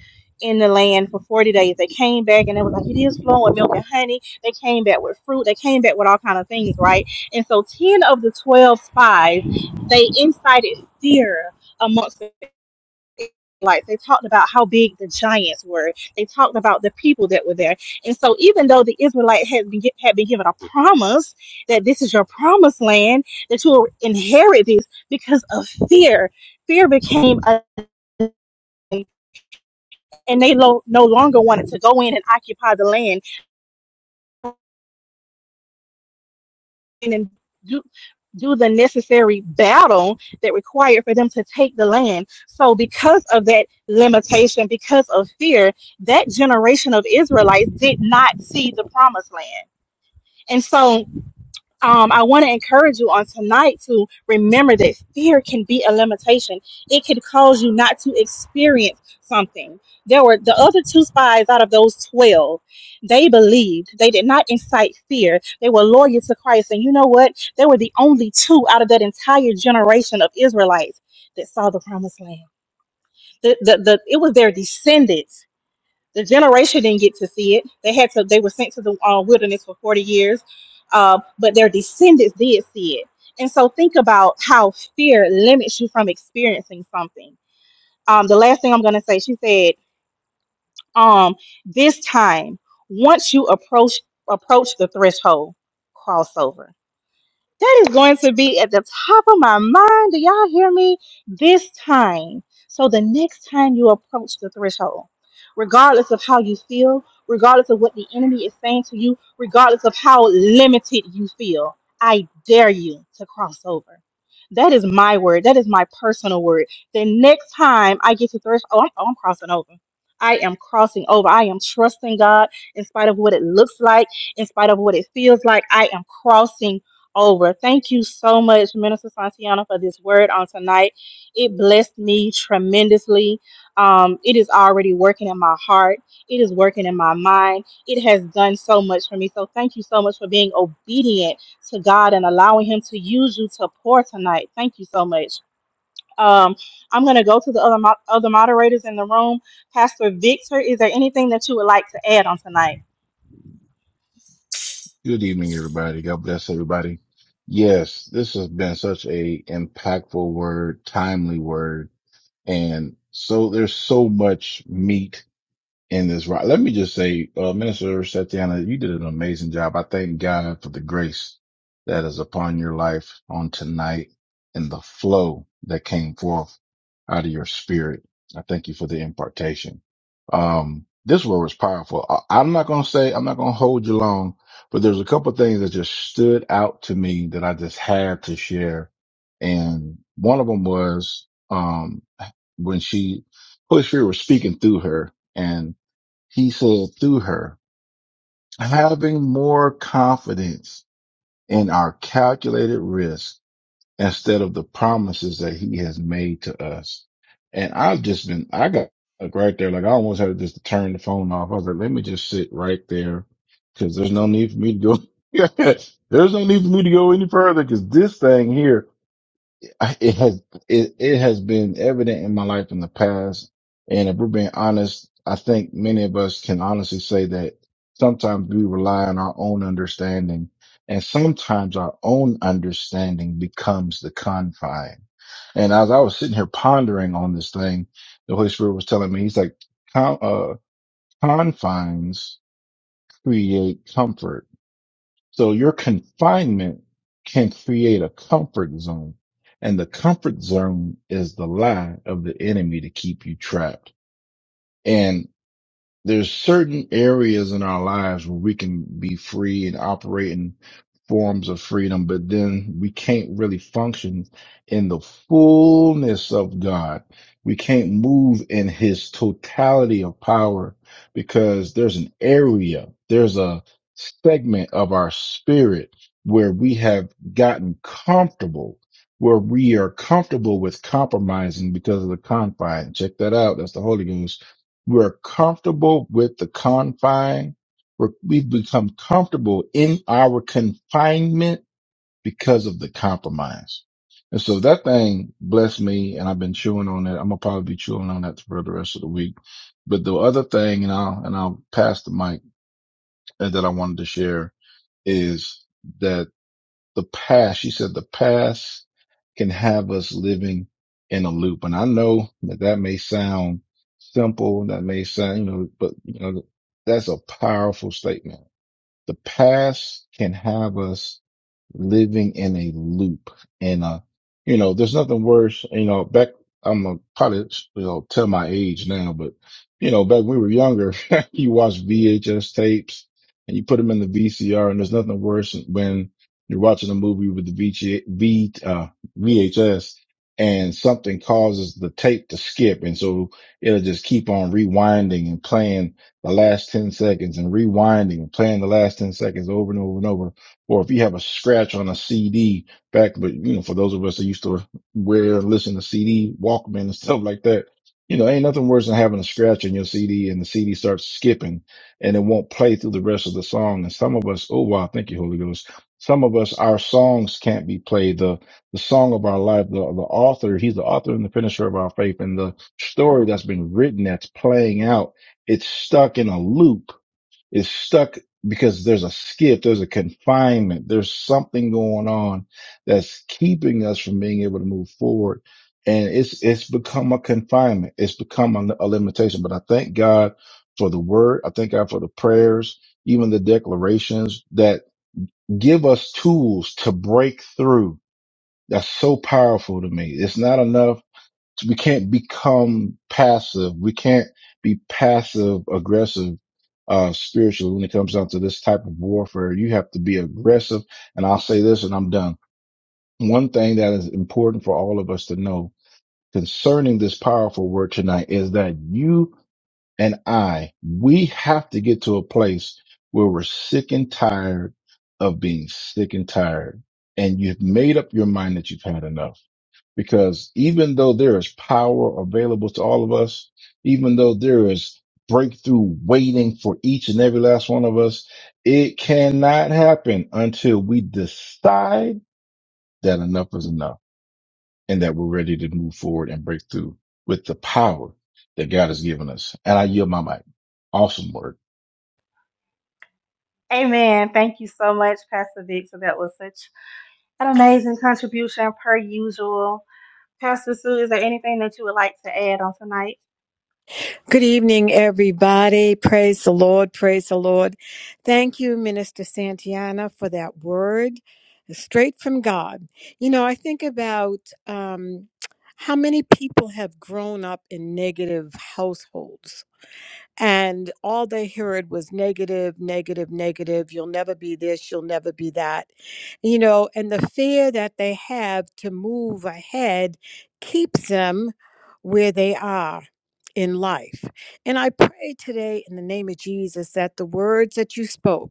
in the land for 40 days. They came back and they was like, it is flowing milk and honey. They came back with fruit. They came back with all kind of things, right? And so 10 of the 12 spies, they incited fear amongst the Israelites. They talked about how big the giants were. They talked about the people that were there. And so even though the Israelite had been, had been given a promise that this is your promised land, that you will inherit this because of fear, fear became a and they lo- no longer wanted to go in and occupy the land and do, do the necessary battle that required for them to take the land. So, because of that limitation, because of fear, that generation of Israelites did not see the promised land. And so, um, I want to encourage you on tonight to remember that fear can be a limitation. It could cause you not to experience something. There were the other two spies out of those 12. They believed. They did not incite fear. They were loyal to Christ. And you know what? They were the only two out of that entire generation of Israelites that saw the promised land. The, the, the, it was their descendants the generation didn't get to see it. They had to. They were sent to the uh, wilderness for forty years, uh, but their descendants did see it. And so, think about how fear limits you from experiencing something. Um, the last thing I'm going to say, she said, um, this time, once you approach approach the threshold, crossover. That is going to be at the top of my mind. Do y'all hear me? This time. So the next time you approach the threshold, regardless of how you feel, regardless of what the enemy is saying to you, regardless of how limited you feel, I dare you to cross over. That is my word. That is my personal word. The next time I get to threshold, oh, I- oh, I'm crossing over. I am crossing over. I am trusting God in spite of what it looks like, in spite of what it feels like. I am crossing over. Thank you so much, Minister Santiano, for this word on tonight. It blessed me tremendously. Um, it is already working in my heart, it is working in my mind. It has done so much for me. So, thank you so much for being obedient to God and allowing Him to use you to pour tonight. Thank you so much. Um, I'm going to go to the other, mo- other moderators in the room. Pastor Victor, is there anything that you would like to add on tonight? Good evening, everybody. God bless everybody. Yes, this has been such a impactful word, timely word, and so there's so much meat in this rock. Let me just say, uh, Minister Satiana, you did an amazing job. I thank God for the grace that is upon your life on tonight and the flow that came forth out of your spirit. I thank you for the impartation. Um, this word was powerful. I, I'm not going to say, I'm not going to hold you long, but there's a couple things that just stood out to me that I just had to share. And one of them was, um, when she, Holy Spirit was speaking through her he said through her, having more confidence in our calculated risk instead of the promises that he has made to us. And I've just been, I got like right there, like I almost had to just turn the phone off. I was like, let me just sit right there because there's no need for me to go. there's no need for me to go any further because this thing here I- it has it, it has been evident in my life in the past. And if we're being honest, I think many of us can honestly say that sometimes we rely on our own understanding and sometimes our own understanding becomes the confine. And as I was sitting here pondering on this thing, the Holy Spirit was telling me, he's like, "Con- uh, confines create comfort so your confinement can create a comfort zone. And the comfort zone is the lie of the enemy to keep you trapped. And there's certain areas in our lives where we can be free and operate in forms of freedom, but then we can't really function in the fullness of God. We can't move in his totality of power because there's an area, there's a segment of our spirit where we have gotten comfortable, where we are comfortable with compromising because of the confine. Check that out. That's the Holy Ghost we're comfortable with the confine. We're, we've become comfortable in our confinement because of the compromise. And so that thing blessed me and I've been chewing on it. I'm gonna probably be chewing on that for the rest of the week. But the other thing, and I'll, and I'll pass the mic uh, that I wanted to share is that the past, she said the past can have us living in a loop. And I know that that may sound simple. That may sound, you know, but you know, that's a powerful statement. The past can have us living in a loop. And, uh, you know, there's nothing worse, you know, back, I'm a, probably, you know, tell my age now, but, you know, back when we were younger, you watch VHS tapes and you put them in the VCR and there's nothing worse than when you're watching a movie with the VG, v, uh, VHS and something causes the tape to skip. And so it'll just keep on rewinding and playing the last 10 seconds and rewinding and playing the last 10 seconds over and over and over or if you have a scratch on a CD back, but you know, for those of us that used to wear listen to CD Walkman and stuff like that, you know, ain't nothing worse than having a scratch on your CD and the CD starts skipping and it won't play through the rest of the song. And some of us, oh wow, thank you, Holy Ghost. Some of us, our songs can't be played. The the song of our life, the, the author, he's the author and the finisher of our faith, and the story that's been written that's playing out, it's stuck in a loop is stuck because there's a skip, there's a confinement, there's something going on that's keeping us from being able to move forward. And it's, it's become a confinement. It's become a, a limitation. But I thank God for the word. I thank God for the prayers, even the declarations that give us tools to break through. That's so powerful to me. It's not enough we can't become passive. We can't be passive aggressive uh spiritually when it comes down to this type of warfare. You have to be aggressive. And I'll say this and I'm done. One thing that is important for all of us to know concerning this powerful word tonight is that you and I, we have to get to a place where we're sick and tired of being sick and tired. And you've made up your mind that you've had enough because even though there is power available to all of us, even though there is breakthrough waiting for each and every last one of us, it cannot happen until we decide that enough is enough and that we're ready to move forward and break through with the power that God has given us. And I yield my mic. Awesome work. Amen. Thank you so much, Pastor Victor. That was such An amazing contribution per usual. Pastor Sue, is there anything that you would like to add on tonight? Good evening, everybody. Praise the Lord. Praise the Lord. Thank you, Minister Santiana, for that word straight from God. You know, I think about um, how many people have grown up in negative households and all they heard was negative, negative, negative. You'll never be this, you'll never be that. You know, and the fear that they have to move ahead keeps them where they are in life. And I pray today in the name of Jesus that the words that you spoke,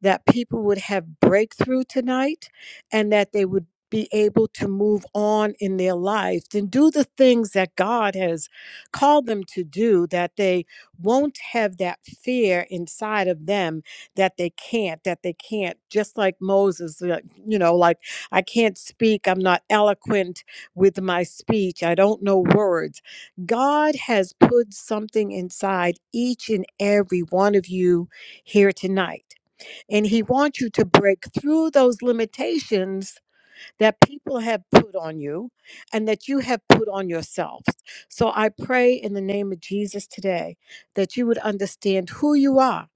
that people would have breakthrough tonight and that they would be able to move on in their lives and do the things that God has called them to do that they won't have that fear inside of them that they can't that they can't just like moses like, you know like i can't speak i'm not eloquent with my speech i don't know words god has put something inside each and every one of you here tonight and he wants you to break through those limitations that people have put on you and that you have put on yourselves. So I pray in the name of Jesus today that you would understand who you are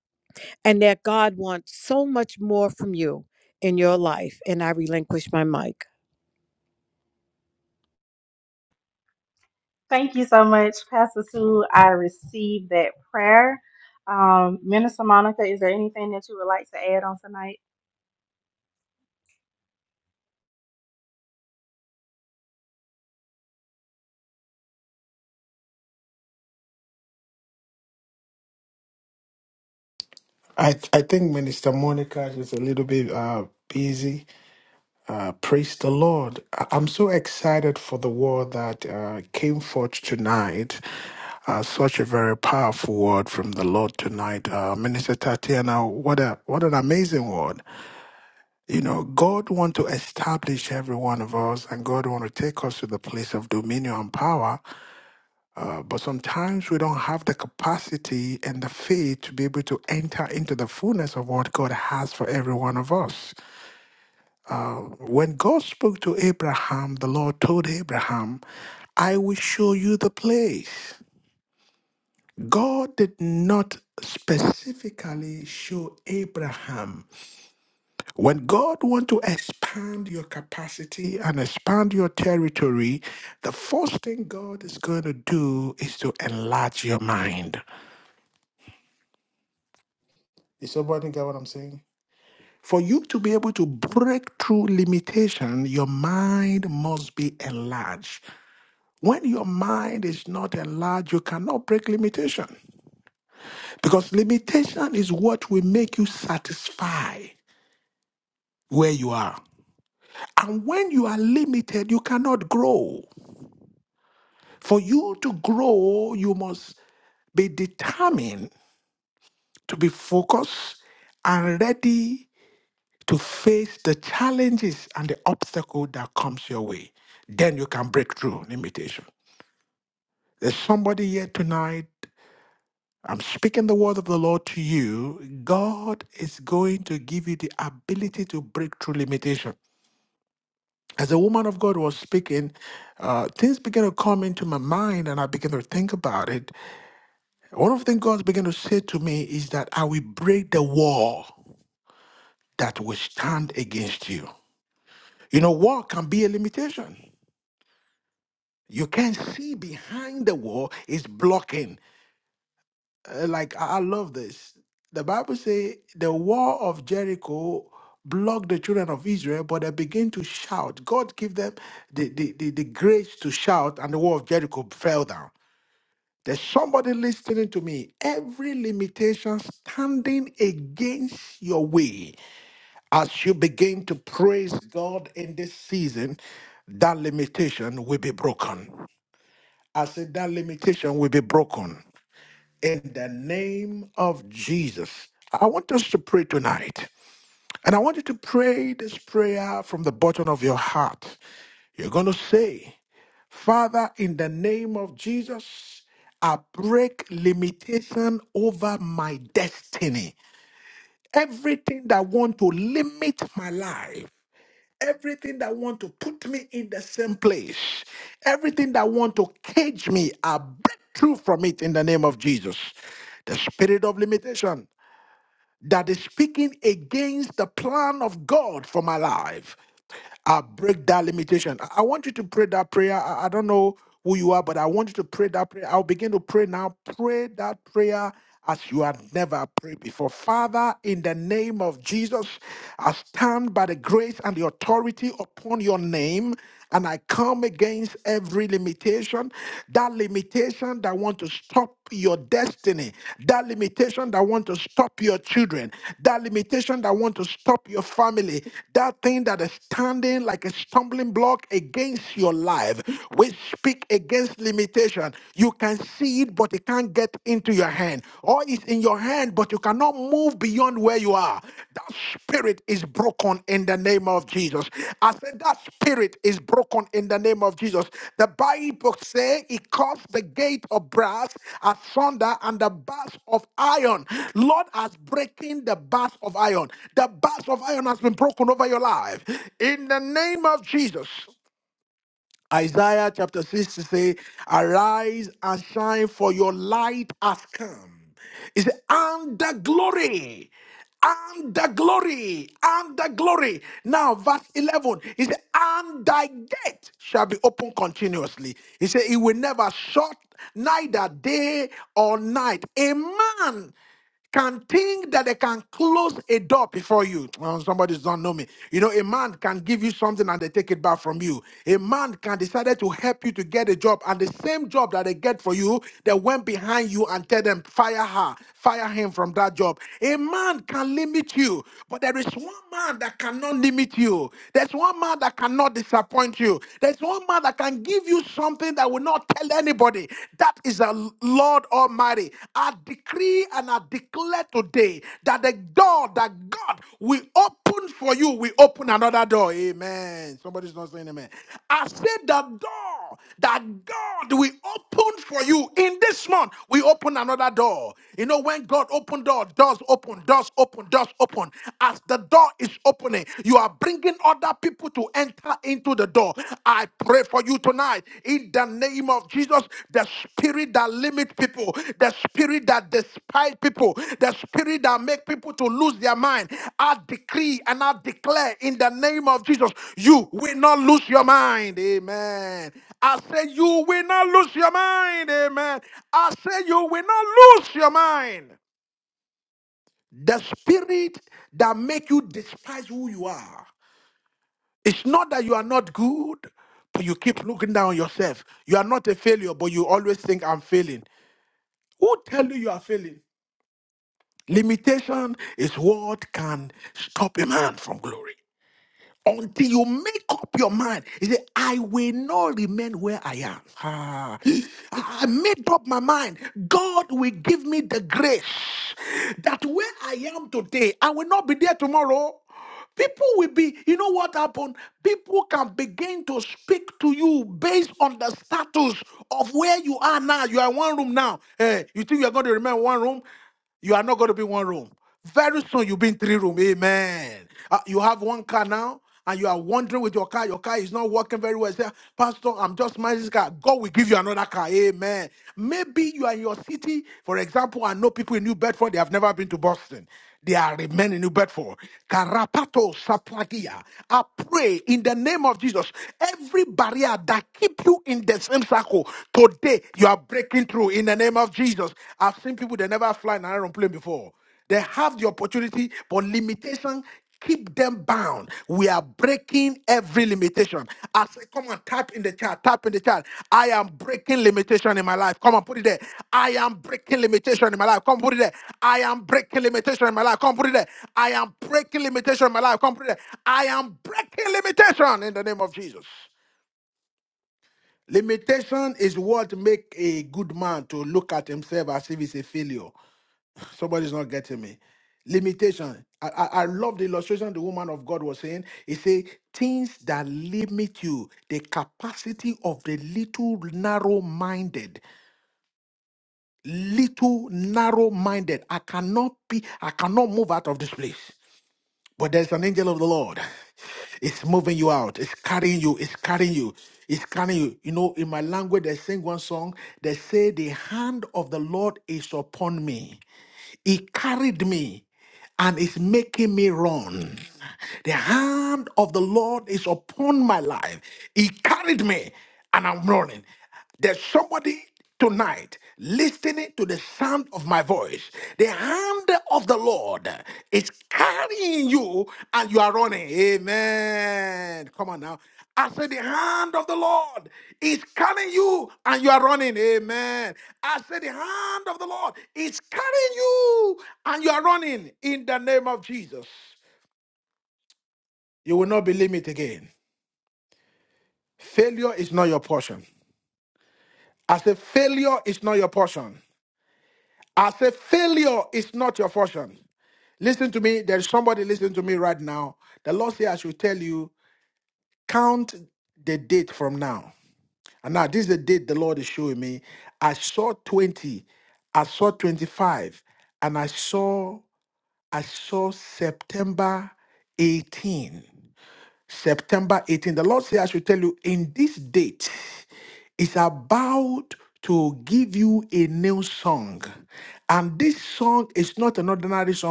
and that God wants so much more from you in your life. And I relinquish my mic. Thank you so much, Pastor Sue. I received that prayer. Um, Minister Monica, is there anything that you would like to add on tonight? I, I think Minister Monica is a little bit uh, busy. Uh, praise the Lord. I- I'm so excited for the word that uh, came forth tonight. Uh, such a very powerful word from the Lord tonight. Uh, Minister Tatiana, what, a, what an amazing word. You know, God want to establish every one of us and God want to take us to the place of dominion and power But sometimes we don't have the capacity and the faith to be able to enter into the fullness of what God has for every one of us. When God spoke to Abraham, the Lord told Abraham, I will show you the place. God did not specifically show Abraham. When God wants to expand your capacity and expand your territory, the first thing God is going to do is to enlarge your mind. Is somebody get what I'm saying? must be a lie. When you make limitation, because limitation is what will make you satisfied.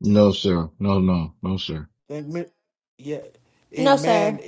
No, sir. No, no, no, sir. No, sir.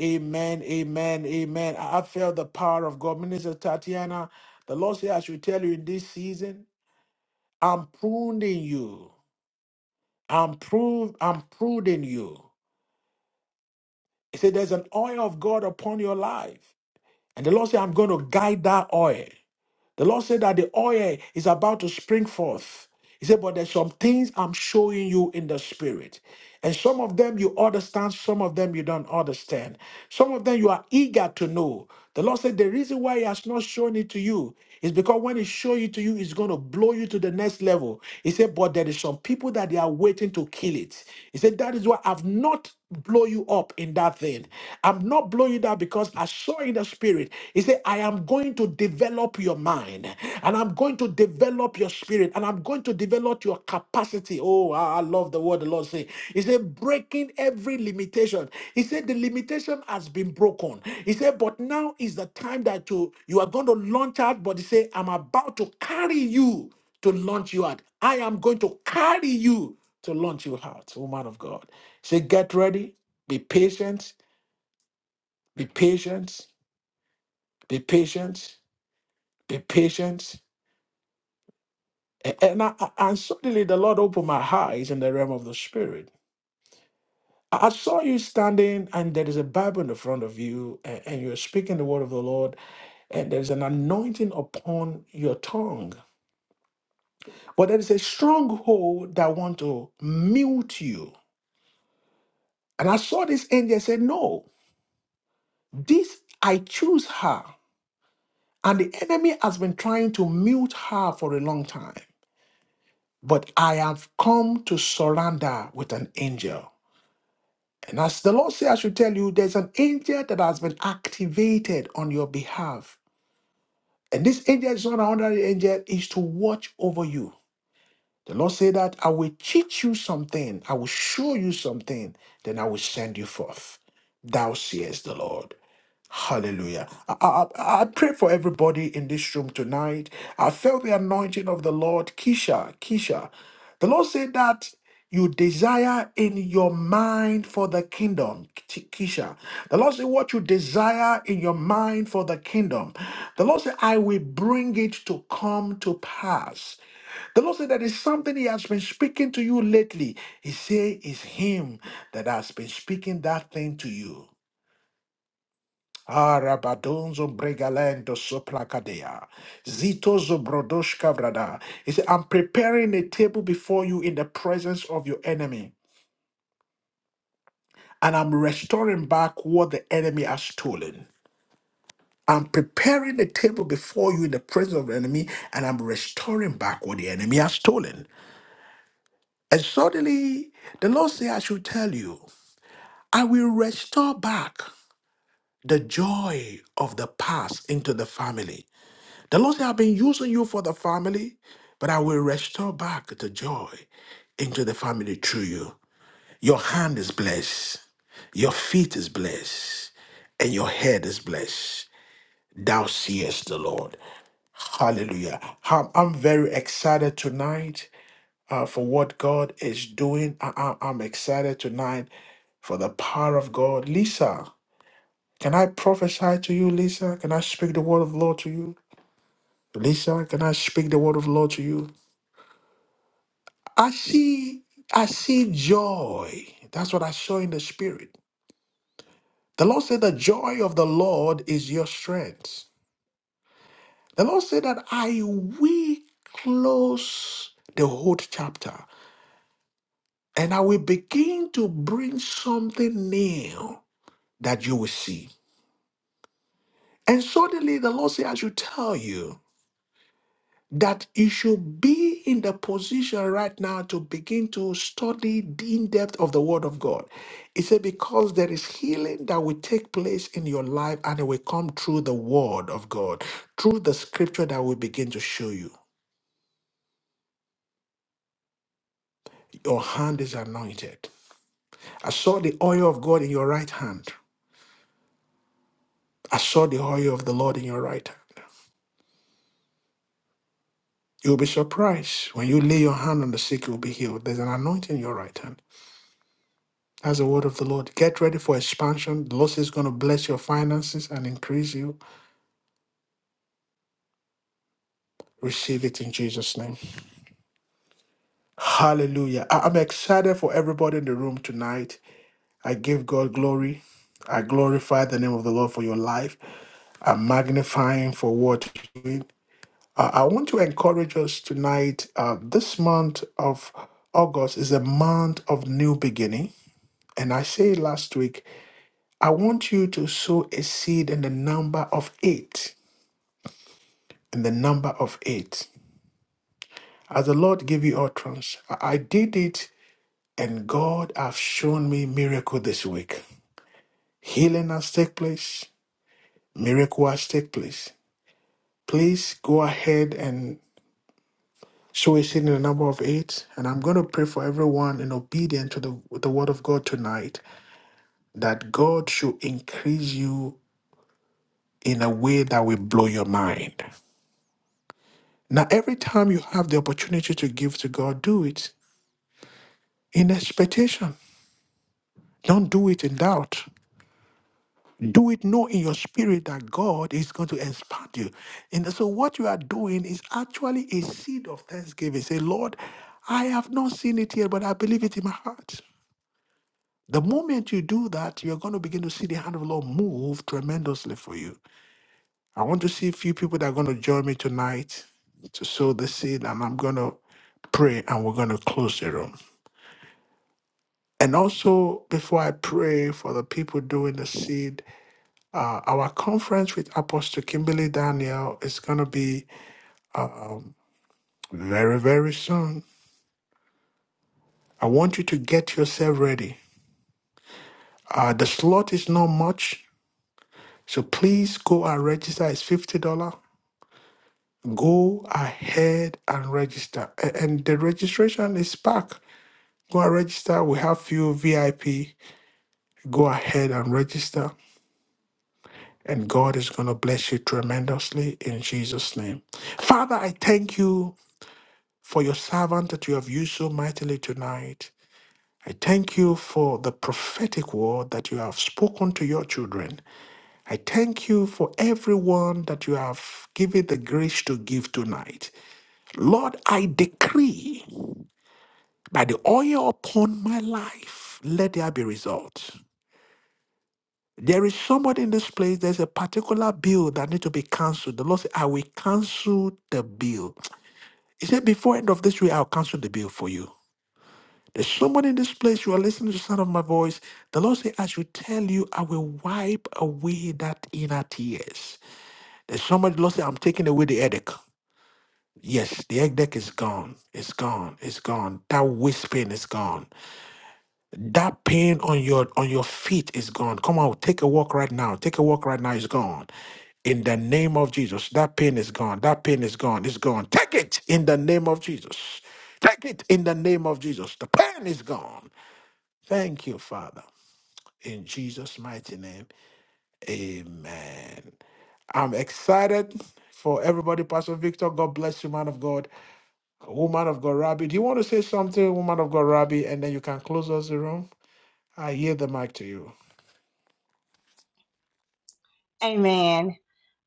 Amen.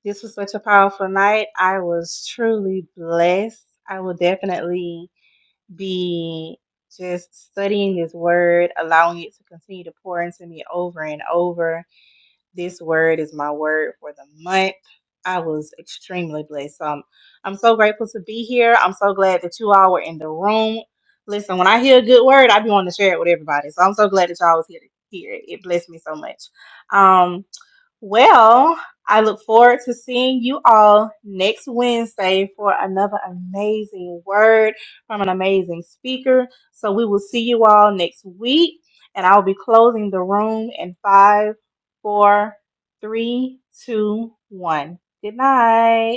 This was such a powerful night. I was truly blessed. I will definitely be just studying this word, allowing it to continue to pour into me over and over This word is my word for the month. I was extremely blessed. So I'm, I'm so grateful to be here. I'm so glad that you all were in the room. Listen, when I hear a good word, I be wanting to share it with everybody. So I'm so glad that y'all was here to hear it. It blessed me so much. Um, well, I look forward to seeing you all next Wednesday for another amazing word from an amazing speaker. So we will see you all next week, and I'll be closing the room in five, four, three, two, one. Good night.